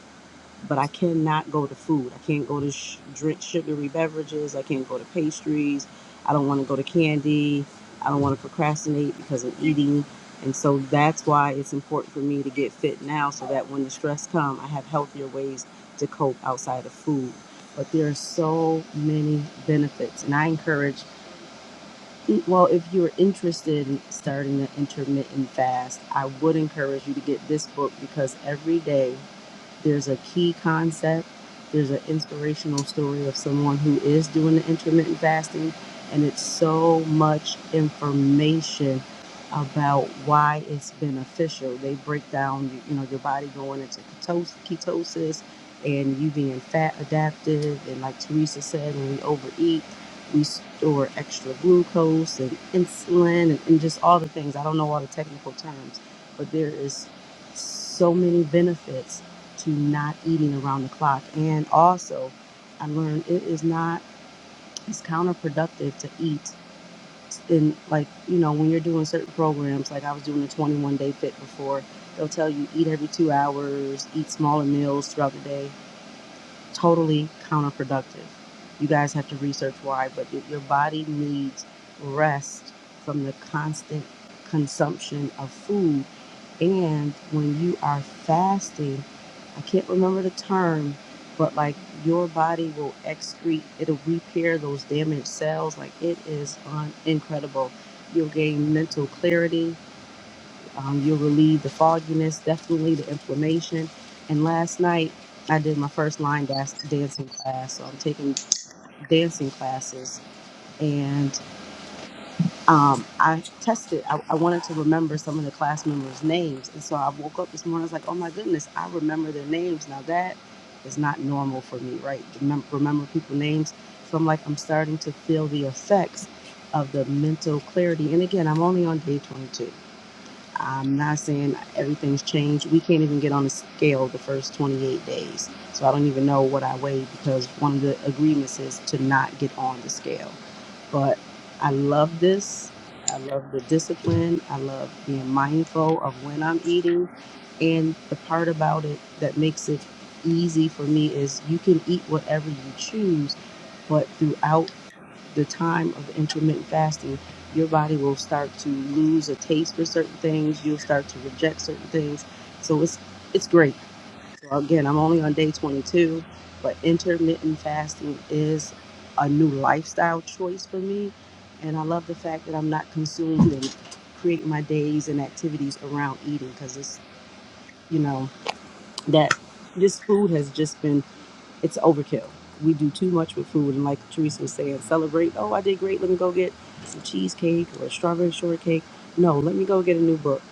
S4: but I cannot go to food. I can't go to sh- drink sugary beverages. I can't go to pastries. I don't want to go to candy. I don't want to procrastinate because of eating. And so that's why it's important for me to get fit now so that when the stress comes, I have healthier ways to cope outside of food. But there are so many benefits. And I encourage, e, well, if you're interested in starting an intermittent fast, I would encourage you to get this book because every day there's a key concept, there's an inspirational story of someone who is doing the intermittent fasting, and it's so much information about why it's beneficial. They break down, you know, your body going into ketos- ketosis and you being fat adaptive, and like Teresa said, when we overeat, we store extra glucose and insulin and, and just all the things. I don't know all the technical terms, but there is so many benefits to not eating around the clock. And also, I learned it is not, it's counterproductive to eat. And like, you know, when you're doing certain programs, like I was doing a 21 day fit before, they'll tell you eat every two hours, eat smaller meals throughout the day. Totally counterproductive. You guys have to research why, but your your body needs rest from the constant consumption of food and when you are fasting, I can't remember the term, but like your body will excrete, it'll repair those damaged cells. Like it is un- incredible. You'll gain mental clarity. Um, you'll relieve the fogginess, definitely the inflammation. And last night, I did my first line dance- dancing class. So I'm taking dancing classes. and um, I tested, I, I wanted to remember some of the class members' names. And so I woke up this morning, I was like, oh my goodness, I remember their names. Now that is not normal for me, right? Remember, remember people's names. So I'm like, I'm starting to feel the effects of the mental clarity. And again, I'm only on day 22. I'm not saying everything's changed. We can't even get on the scale the first 28 days. So I don't even know what I weigh because one of the agreements is to not get on the scale but I love this. I love the discipline. I love being mindful of when I'm eating. And the part about it that makes it easy for me is you can eat whatever you choose, but throughout the time of intermittent fasting, your body will start to lose a taste for certain things. You'll start to reject certain things. So it's it's great. So again, I'm only on day 22, but intermittent fasting is a new lifestyle choice for me. And I love the fact that I'm not consumed and create my days and activities around eating because it's, you know, that this food has just been, it's overkill. We do too much with food. And like Teresa was saying, celebrate, oh, I did great. Let me go get some cheesecake or a strawberry shortcake. No, let me go get a new book.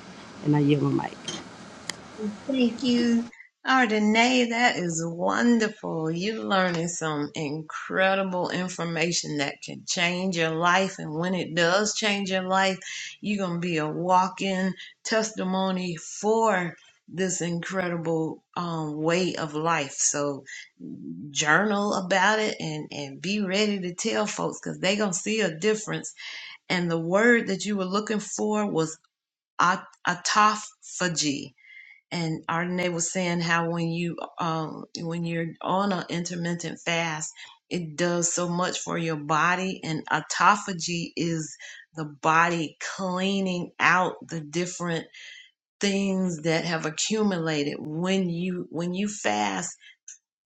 S4: And I yield my mic.
S1: Thank you, Ardenae. That is wonderful. You're learning some incredible information that can change your life. And when it does change your life, you're going to be a walk in testimony for this incredible um, way of life. So journal about it and, and be ready to tell folks because they're going to see a difference. And the word that you were looking for was aut- autophagy and Ardenae was saying how when you um when you're on an intermittent fast, it does so much for your body, and autophagy is the body cleaning out the different things that have accumulated when you when you fast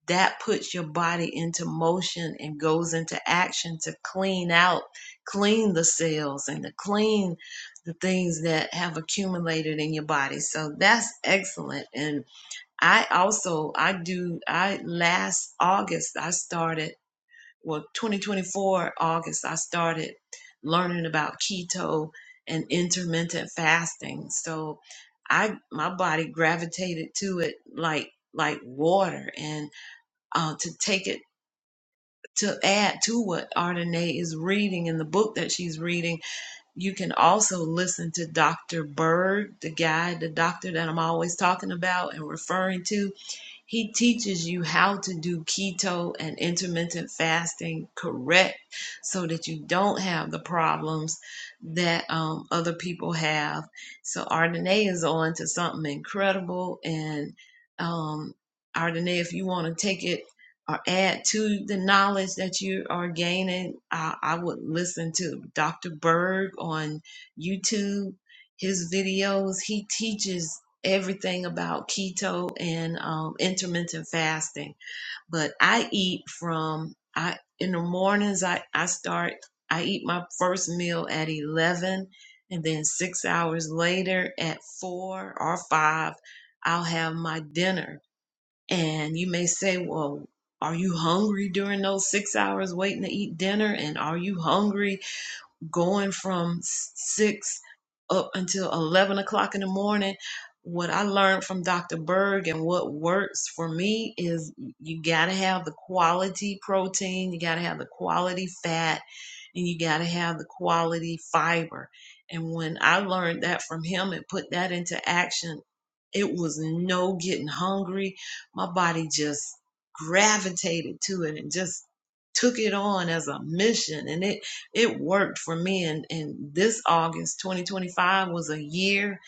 S1: that puts your body into motion and goes into action to clean out clean the cells and to clean the things that have accumulated in your body so that's excellent and I also I do I last August I started well 2024 August I started learning about keto and intermittent fasting. So I my body gravitated to it like like water and uh, to take it to add to what Ardenae is reading in the book that she's reading, you can also listen to Dr. Berg, the guy, the doctor that I'm always talking about and referring to he teaches you how to do keto and intermittent fasting correct so that you don't have the problems that um, other people have. So, Ardenae is on to something incredible. And, um, Ardenae, if you want to take it or add to the knowledge that you are gaining, I, I would listen to Dr. Berg on YouTube. His videos, he teaches everything about keto and um, intermittent fasting. But I eat from I in the mornings. I I start. I eat my first meal at eleven, and then six hours later at four or five, I'll have my dinner. And you may say, well. Are you hungry during those six hours waiting to eat dinner? And are you hungry going from six up until 11 o'clock in the morning. What I learned from Dr. Berg and what works for me is you got to have the quality protein, you got to have the quality fat, and you got to have the quality fiber. And when I learned that from him and put that into action, it was no getting hungry. My body just gravitated to it and just took it on as a mission. And it it worked for me and, and this august 2025 was a year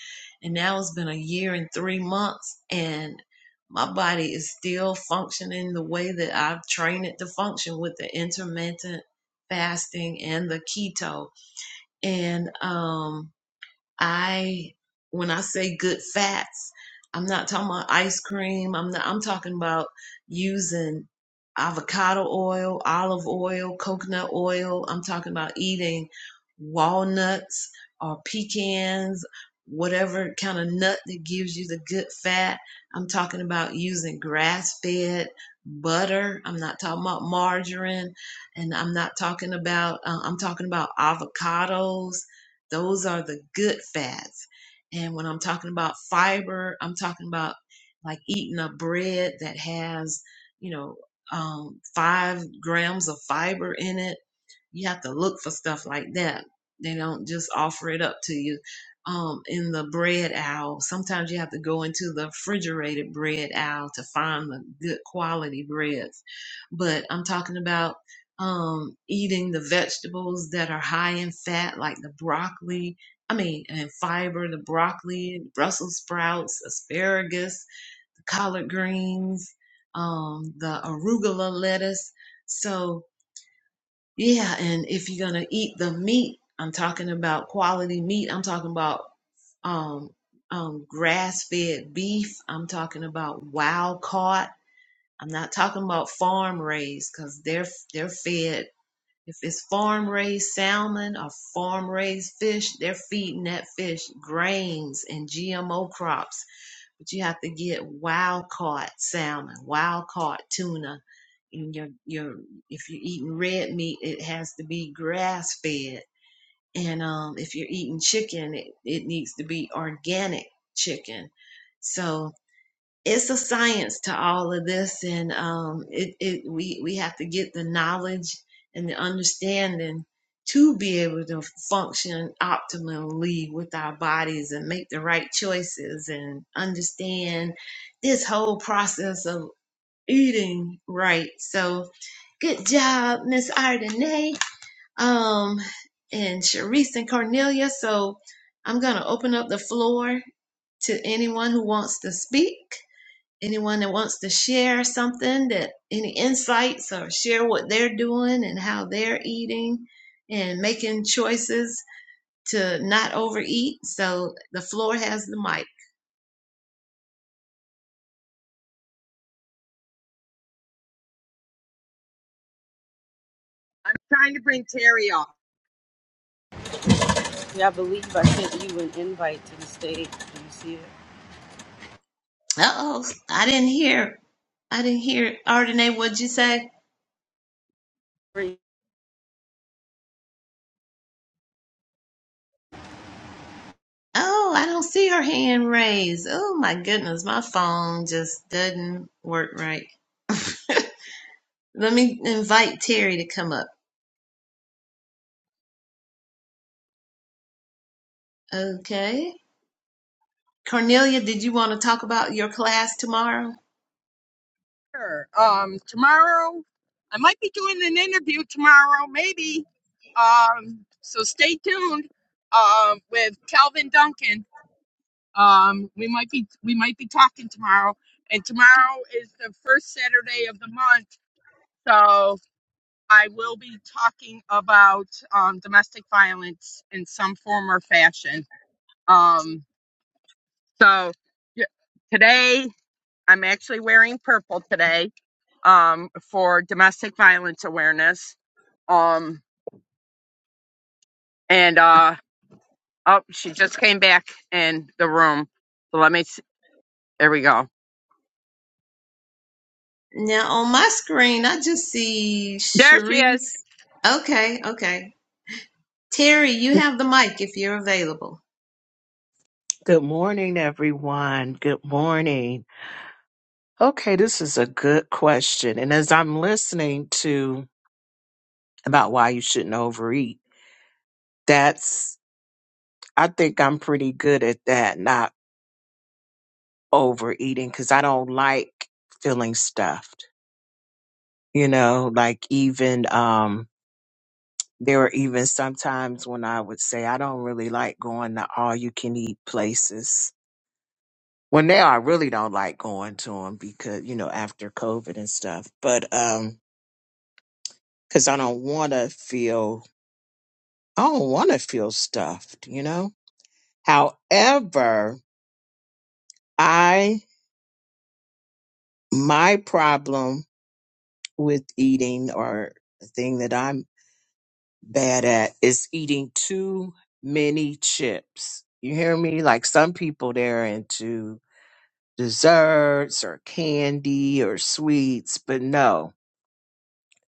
S1: and now it's been a year and three months and my body is still functioning the way that i've trained it to function with the intermittent fasting and the keto and um I when I say good fats, I'm not talking about ice cream. I'm not I'm talking about using avocado oil, olive oil, coconut oil. I'm talking about eating walnuts or pecans, whatever kind of nut that gives you the good fat. I'm talking about using grass-fed butter. I'm not talking about margarine and I'm not talking about uh, I'm talking about avocados those are the good fats. And when I'm talking about fiber, I'm talking about like eating a bread that has, you know, um, five grams of fiber in it you have to look for stuff like that. They don't just offer it up to you. Um, in the bread aisle, sometimes you have to go into the refrigerated bread aisle to find the good quality breads. But I'm talking about um, eating the vegetables that are high in fat, like the broccoli. I mean, and fiber, the broccoli, Brussels sprouts, asparagus, the collard greens, um, the arugula lettuce. So, yeah, and if you're gonna eat the meat, I'm talking about quality meat. I'm talking about um, um, grass-fed beef. I'm talking about wild caught. I'm not talking about farm raised because they're they're fed. If it's farm raised salmon or farm raised fish, they're feeding that fish grains and GMO crops. But you have to get wild caught salmon, wild caught tuna. And your your if you're eating red meat, it has to be grass fed. And um, if you're eating chicken, it, it needs to be organic chicken. So it's a science to all of this and um it, it we we have to get the knowledge and the understanding to be able to function optimally with our bodies and make the right choices and understand this whole process of eating right so good job miss ardenay um and Sharice and cornelia so i'm gonna open up the floor to anyone who wants to speak Anyone that wants to share something that any insights or share what they're doing and how they're eating and making choices to not overeat. So the floor has the mic.
S3: i'm trying to bring terry up
S4: Yeah, I believe I sent you an invite to the stage. Do you see it?
S1: Uh oh, I didn't hear. I didn't hear. Ardenae, what'd you say?
S4: Three.
S1: Oh, I don't see her hand raised. Oh my goodness, my phone just doesn't work right. Let me invite Terry to come up. Okay. Cornelia, did you want to talk about your class tomorrow?
S3: sure um tomorrow i might be doing an interview tomorrow maybe um so stay tuned um with calvin duncan Um, we might be we might be talking tomorrow, and tomorrow is the first Saturday of the month, so I will be talking about um, domestic violence in some form or fashion. Um, so yeah, today I'm actually wearing purple today um, for domestic violence awareness. Um, and uh, oh, she just came back in the room. So let me. s There we go.
S1: Now on my screen, I just see
S3: There she is.
S1: Sharice. Okay, okay. Terry, you have the mic if you're available.
S5: Good morning, everyone. Good morning. Okay, this is a good question. And as I'm listening to about why you shouldn't overeat, that's, I think I'm pretty good at that, not overeating, because I don't like feeling stuffed. You know, like even, um, there were even sometimes when I would say, I don't really like going to all you can eat places. Well, now I really don't like going to them because, you know, after COVID and stuff. But, um, because I don't want to feel, I don't want to feel stuffed, you know? However, I, my problem with eating or the thing that I'm bad at is eating too many chips. You hear me? Like some people, they're into desserts or candy or sweets, but no,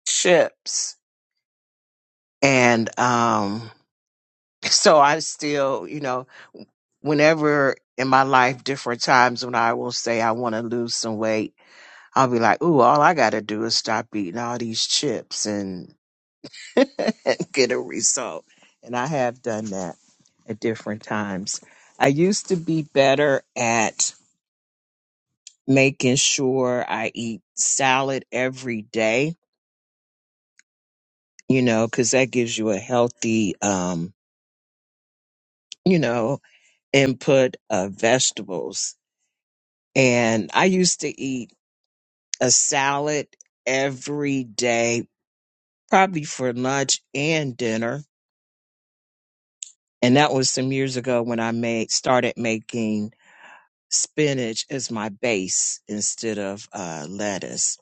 S5: chips. And, um, So I still, you know, whenever in my life, different times when I will say I want to lose some weight, I'll be like, ooh, all I got to do is stop eating all these chips and get a result. And I have done that at different times. I used to be better at making sure I eat salad every day, you know, because that gives you a healthy, um, you know, input of vegetables And I used to eat a salad every day, probably for lunch and dinner. And that was some years ago when I made started making spinach as my base instead of uh, lettuce.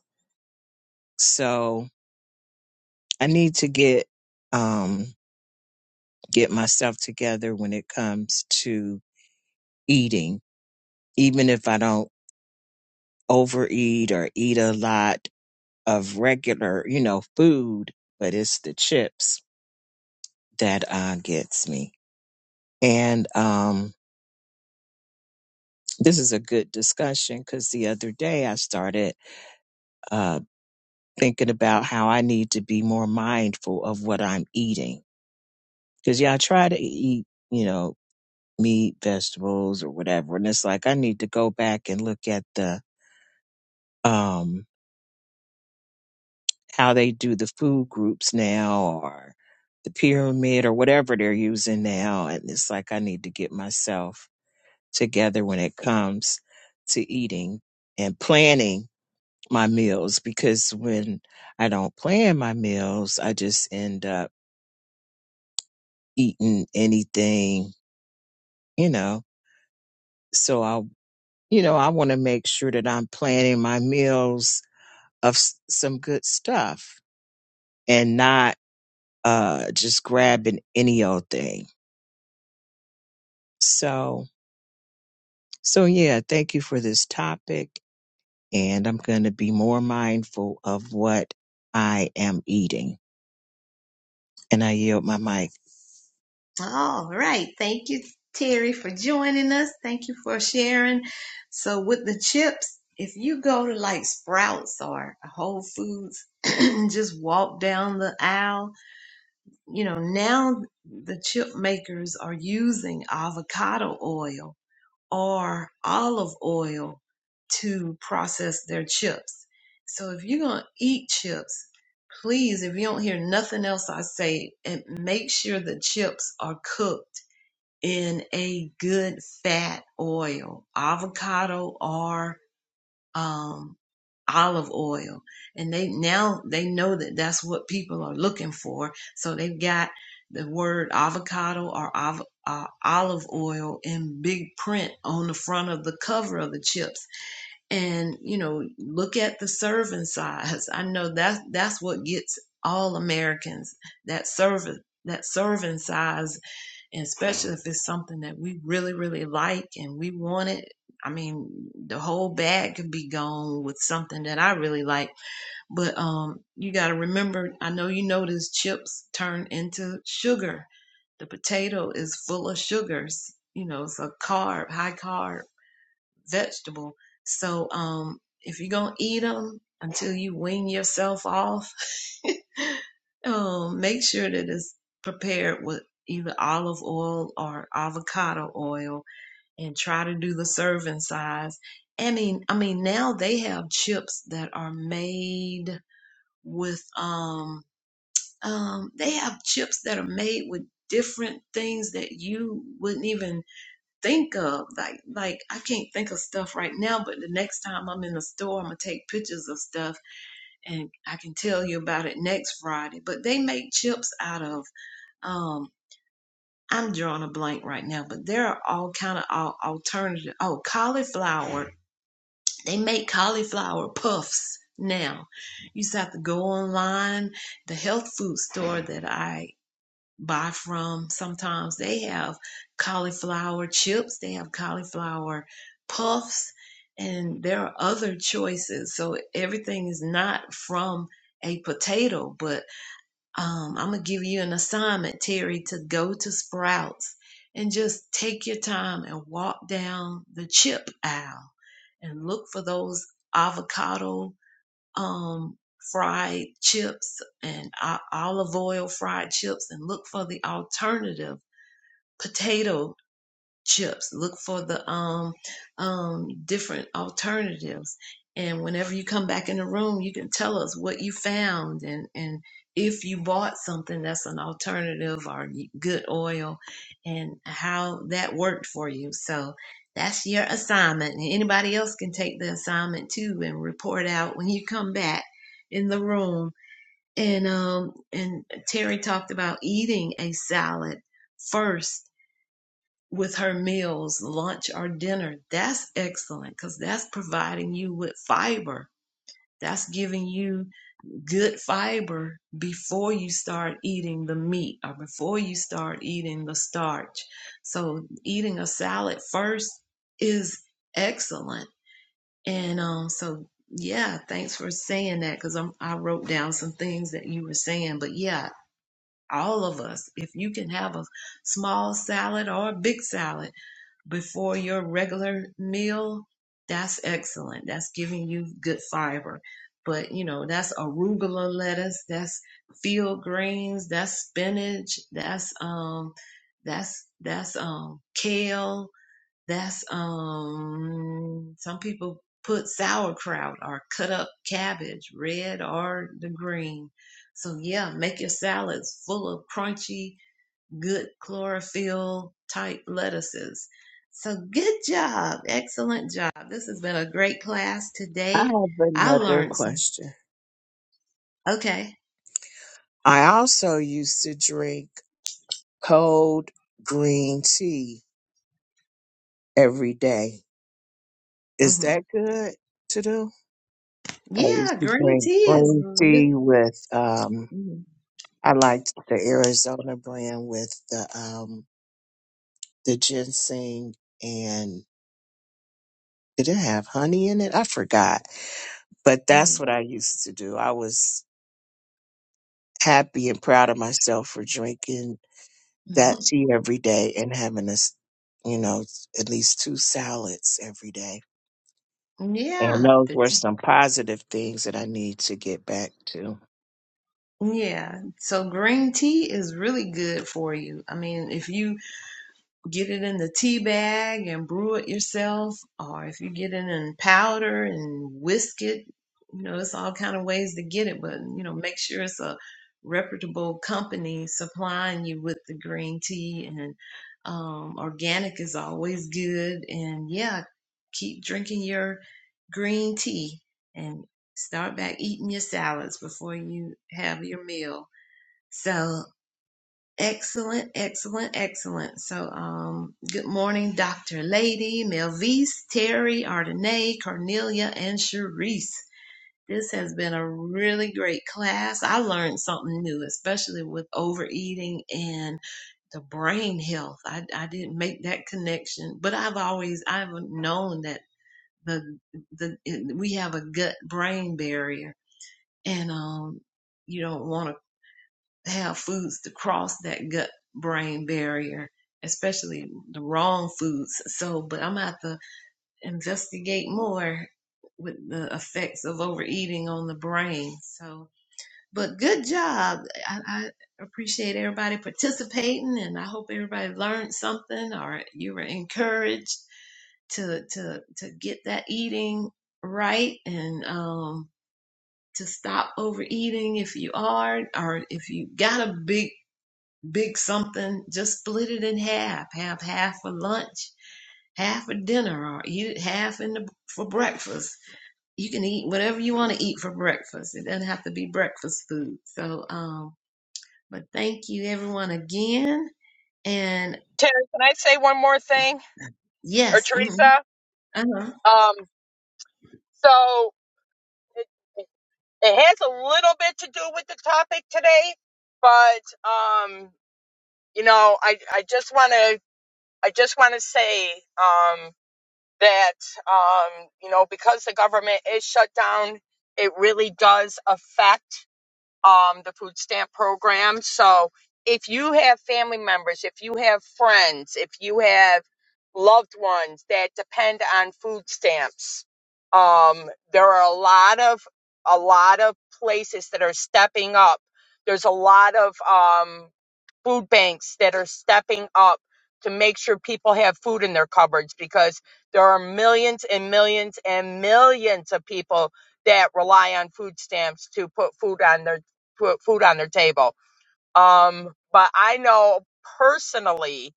S5: So I need to get um, get myself together when it comes to eating, even if I don't overeat or eat a lot of regular, you know, food. But it's the chips that uh, gets me. And um, this is a good discussion because the other day I started uh, thinking about how I need to be more mindful of what I'm eating. Because, yeah, I try to eat, you know, meat, vegetables, or whatever. And it's like I need to go back and look at the um, how they do the food groups now or the pyramid or whatever they're using now. And it's like I need to get myself together when it comes to eating and planning my meals because when I don't plan my meals, I just end up eating anything, you know. So I, you know, I want to make sure that I'm planning my meals of s- some good stuff and not uh just grabbing any old thing. So, so yeah, thank you for this topic and I'm going to be more mindful of what I am eating. And I yield my mic.
S1: All right. Thank you, Terry, for joining us. Thank you for sharing. So with the chips, if you go to like Sprouts or Whole Foods, and just walk down the aisle. You know, now the chip makers are using avocado oil or olive oil to process their chips. So if you're going to eat chips, please, if you don't hear nothing else I say, and make sure the chips are cooked in a good fat oil, avocado or um, olive oil and they now they know that that's what people are looking for so they've got the word avocado or av- uh, olive oil in big print on the front of the cover of the chips and you know look at the serving size i know that that's what gets all americans that serving that serving size and especially if it's something that we really really like and we want it i mean the whole bag could be gone with something that i really like but um you got to remember i know you notice chips turn into sugar the potato is full of sugars you know it's a carb high carb vegetable. So um, if you're gonna eat them until you wean yourself off, um, make sure that it's prepared with either olive oil or avocado oil, and try to do the serving size. I mean, I mean now they have chips that are made with um um they have chips that are made with different things that you wouldn't even think of. Like like I can't think of stuff right now, but the next time I'm in the store, I'm gonna take pictures of stuff and I can tell you about it next Friday. But they make chips out of um I'm drawing a blank right now, but there are all kind of al- alternative. Oh, cauliflower. They make cauliflower puffs now. You just have to go online. The health food store that I buy from sometimes they have cauliflower chips they have cauliflower puffs and there are other choices so everything is not from a potato but um, i'm gonna give you an assignment terry to go to sprouts and just take your time and walk down the chip aisle and look for those avocado um, fried chips and o- olive oil fried chips and look for the alternative potato chips look for the um um different alternatives and whenever you come back in the room you can tell us what you found and and if you bought something that's an alternative or good oil and how that worked for you so that's your assignment and anybody else can take the assignment too and report out when you come back in the room and um and terry talked about eating a salad first with her meals, lunch or dinner, that's excellent because that's providing you with fiber. That's giving you good fiber before you start eating the meat or before you start eating the starch. So, eating a salad first is excellent. And um, so, yeah, thanks for saying that because I wrote down some things that you were saying. But yeah, all of us, if you can have a small salad or a big salad, before your regular meal, that's excellent. That's giving you good fiber. But you know, that's arugula lettuce, that's field greens, that's spinach, that's um that's that's um kale, that's um some people put sauerkraut or cut up cabbage, red or the green. So yeah, make your salads full of crunchy good chlorophyll type lettuces. So good job. Excellent job. This has been a great class
S5: I
S1: today.
S5: have
S1: I
S5: another
S1: learned some.
S5: question.
S1: Okay.
S5: I also used to drink cold green tea every day. Is
S1: hmm
S5: that good to do? I used
S1: Yeah,
S5: to
S1: green
S5: drink
S1: tea is.
S5: green
S1: re-
S5: tea with um
S1: mhm,
S5: I liked the Arizona brand with the um the ginseng and did it have honey in it? I forgot. But that's
S1: mhm.
S5: what I used to do. I was happy and proud of myself for drinking that tea every day and having us, you know, at least two salads every day. And
S1: Yeah.
S5: those
S1: the
S5: were some positive things that I need to get back to.
S1: t- Yeah. So green tea is really good for you. I mean, if you get it in the tea bag and brew it yourself or if you get it in powder and whisk it you know it's all kind of ways to get it but you know make sure it's a reputable company supplying you with the green tea and um, organic is always good and yeah keep drinking your green tea and start back eating your salads before you have your meal so Excellent, excellent, excellent. So, um, good morning, Dr. Lady, Melvise, Terry, Ardenae, Cornelia, and Sharice. This has been a really great class. I learned something new, especially with overeating and the brain health. I, I didn't make that connection, but I've always I've known that the the we have a gut brain barrier, and um, you don't want to have foods to cross that gut brain barrier, especially the wrong foods. So, but I'm gonna have to investigate more with the effects of overeating on the brain. So, but good job. I, I appreciate everybody participating, and I hope everybody learned something or you were encouraged to to to get that eating right and um to stop overeating if you are or if you got a big big something, just split it in half. Have half for lunch, half for dinner, or eat it half in the, for breakfast. You can eat whatever you want to eat for breakfast. It doesn't have to be breakfast food. So, um, but thank you everyone again. And
S3: Terry, can I say one more thing? or
S1: yes, mm-hmm,
S3: Teresa.
S1: uh-huh.
S3: Um, so it, it has a little bit to do with the topic today, but um, you know, I I just want to I just want to say um, that um, you know because the government is shut down, it really does affect. um, the food stamp program. So if you have family members, if you have friends, if you have loved ones that depend on food stamps, um, there are a lot of a lot of places that are stepping up. There's a lot of um, food banks that are stepping up to make sure people have food in their cupboards because there are millions and millions and millions of people that rely on food stamps to put food on their put food on their table. Um, but I know personally,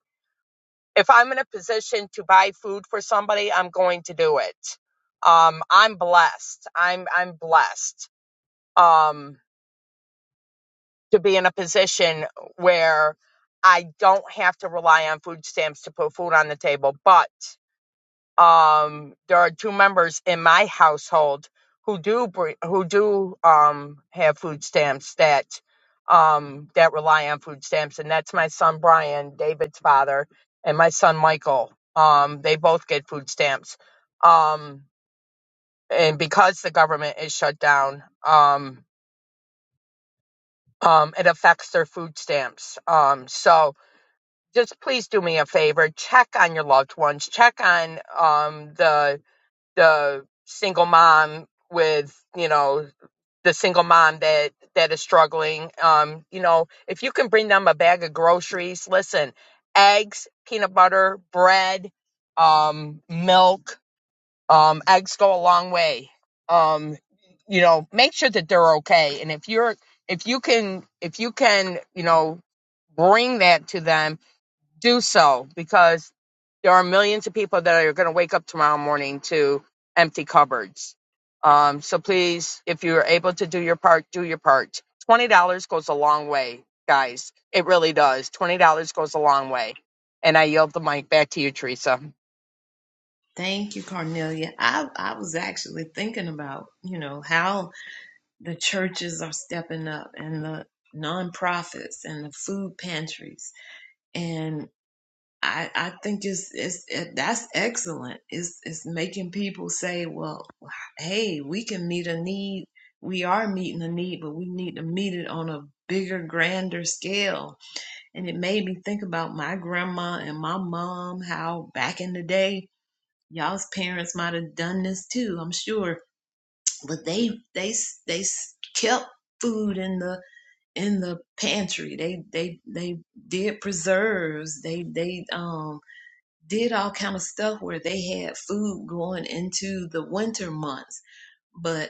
S3: if I'm in a position to buy food for somebody, I'm going to do it. Um, I'm blessed. I'm I'm blessed um, to be in a position where I don't have to rely on food stamps to put food on the table, but um there are two members in my household who do br- who do um have food stamps that um that rely on food stamps and that's my son Brian David's father and my son Michael um they both get food stamps um and because the government is shut down um um it affects their food stamps um so just please do me a favor check on your loved ones check on um the the single mom with you know the single mom that that is struggling um you know if you can bring them a bag of groceries listen eggs peanut butter bread um milk um eggs go a long way um you know make sure that they're okay and if you're if you can if you can you know bring that to them do so because there are millions of people that are going to wake up tomorrow morning to empty cupboards. Um, so please, if you're able to do your part, do your part. Twenty dollars goes a long way, guys. It really does. Twenty dollars goes a long way. And I yield the mic back to you, Teresa.
S1: Thank you, Cornelia. I, I was actually thinking about, you know, how the churches are stepping up and the nonprofits and the food pantries. and. I, I think it's, it's it, that's excellent. It's it's making people say, well, hey, we can meet a need. We are meeting a need, but we need to meet it on a bigger, grander scale. And it made me think about my grandma and my mom. How back in the day, y'all's parents might have done this too. I'm sure, but they they they kept food in the in the pantry. They they they did preserves. They they um did all kind of stuff where they had food going into the winter months but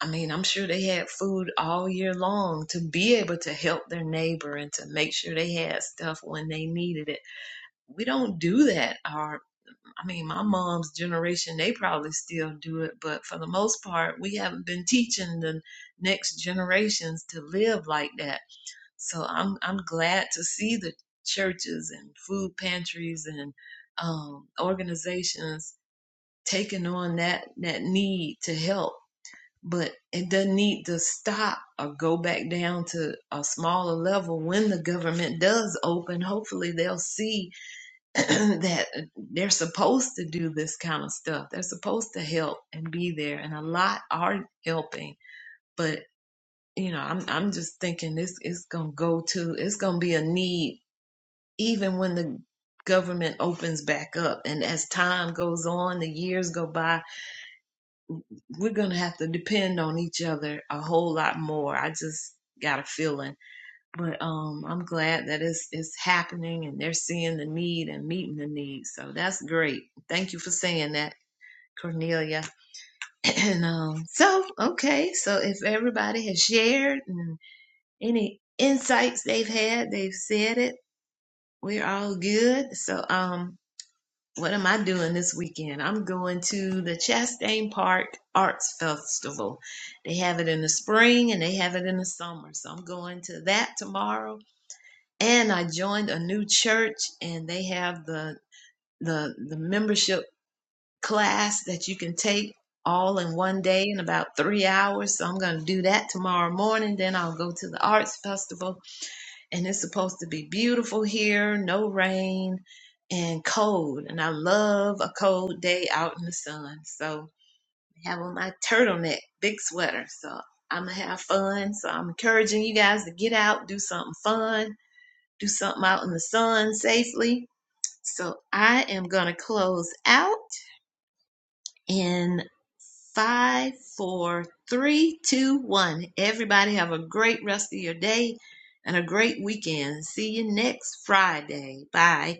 S1: i mean i'm sure they had food all year long to be able to help their neighbor and to make sure they had stuff when they needed it we don't do that or i mean my mom's generation they probably still do it but for the most part we haven't been teaching the next generations to live like that so I'm I'm glad to see the churches and food pantries and um, organizations taking on that that need to help, but it doesn't need to stop or go back down to a smaller level. When the government does open, hopefully they'll see that they're supposed to do this kind of stuff. They're supposed to help and be there, and a lot are helping, but you know, I'm I'm just thinking this is gonna go to it's gonna be a need even when the government opens back up and as time goes on the years go by we're going to have to depend on each other a whole lot more i just got a feeling but um i'm glad that it's it's happening and they're seeing the need and meeting the need so that's great thank you for saying that cornelia and um so okay so if everybody has shared and any insights they've had they've said it we're all good so um What am I doing this weekend? I'm going to the Chastain Park Arts Festival. They have it in the spring and they have it in the summer. So I'm going to that tomorrow. And I joined a new church and they have the the the membership class that you can take all in one day in about three hours. So I'm gonna do that tomorrow morning. Then I'll go to the arts festival and it's supposed to be beautiful here, no rain and cold. And I love a cold day out in the sun. So I have on my turtleneck, big sweater. So I'm gonna have fun. So I'm encouraging you guys to get out, do something fun, do something out in the sun safely. So I am gonna close out in five, four, three, two, one. Everybody have a great rest of your day and a great weekend. See you next Friday. Bye.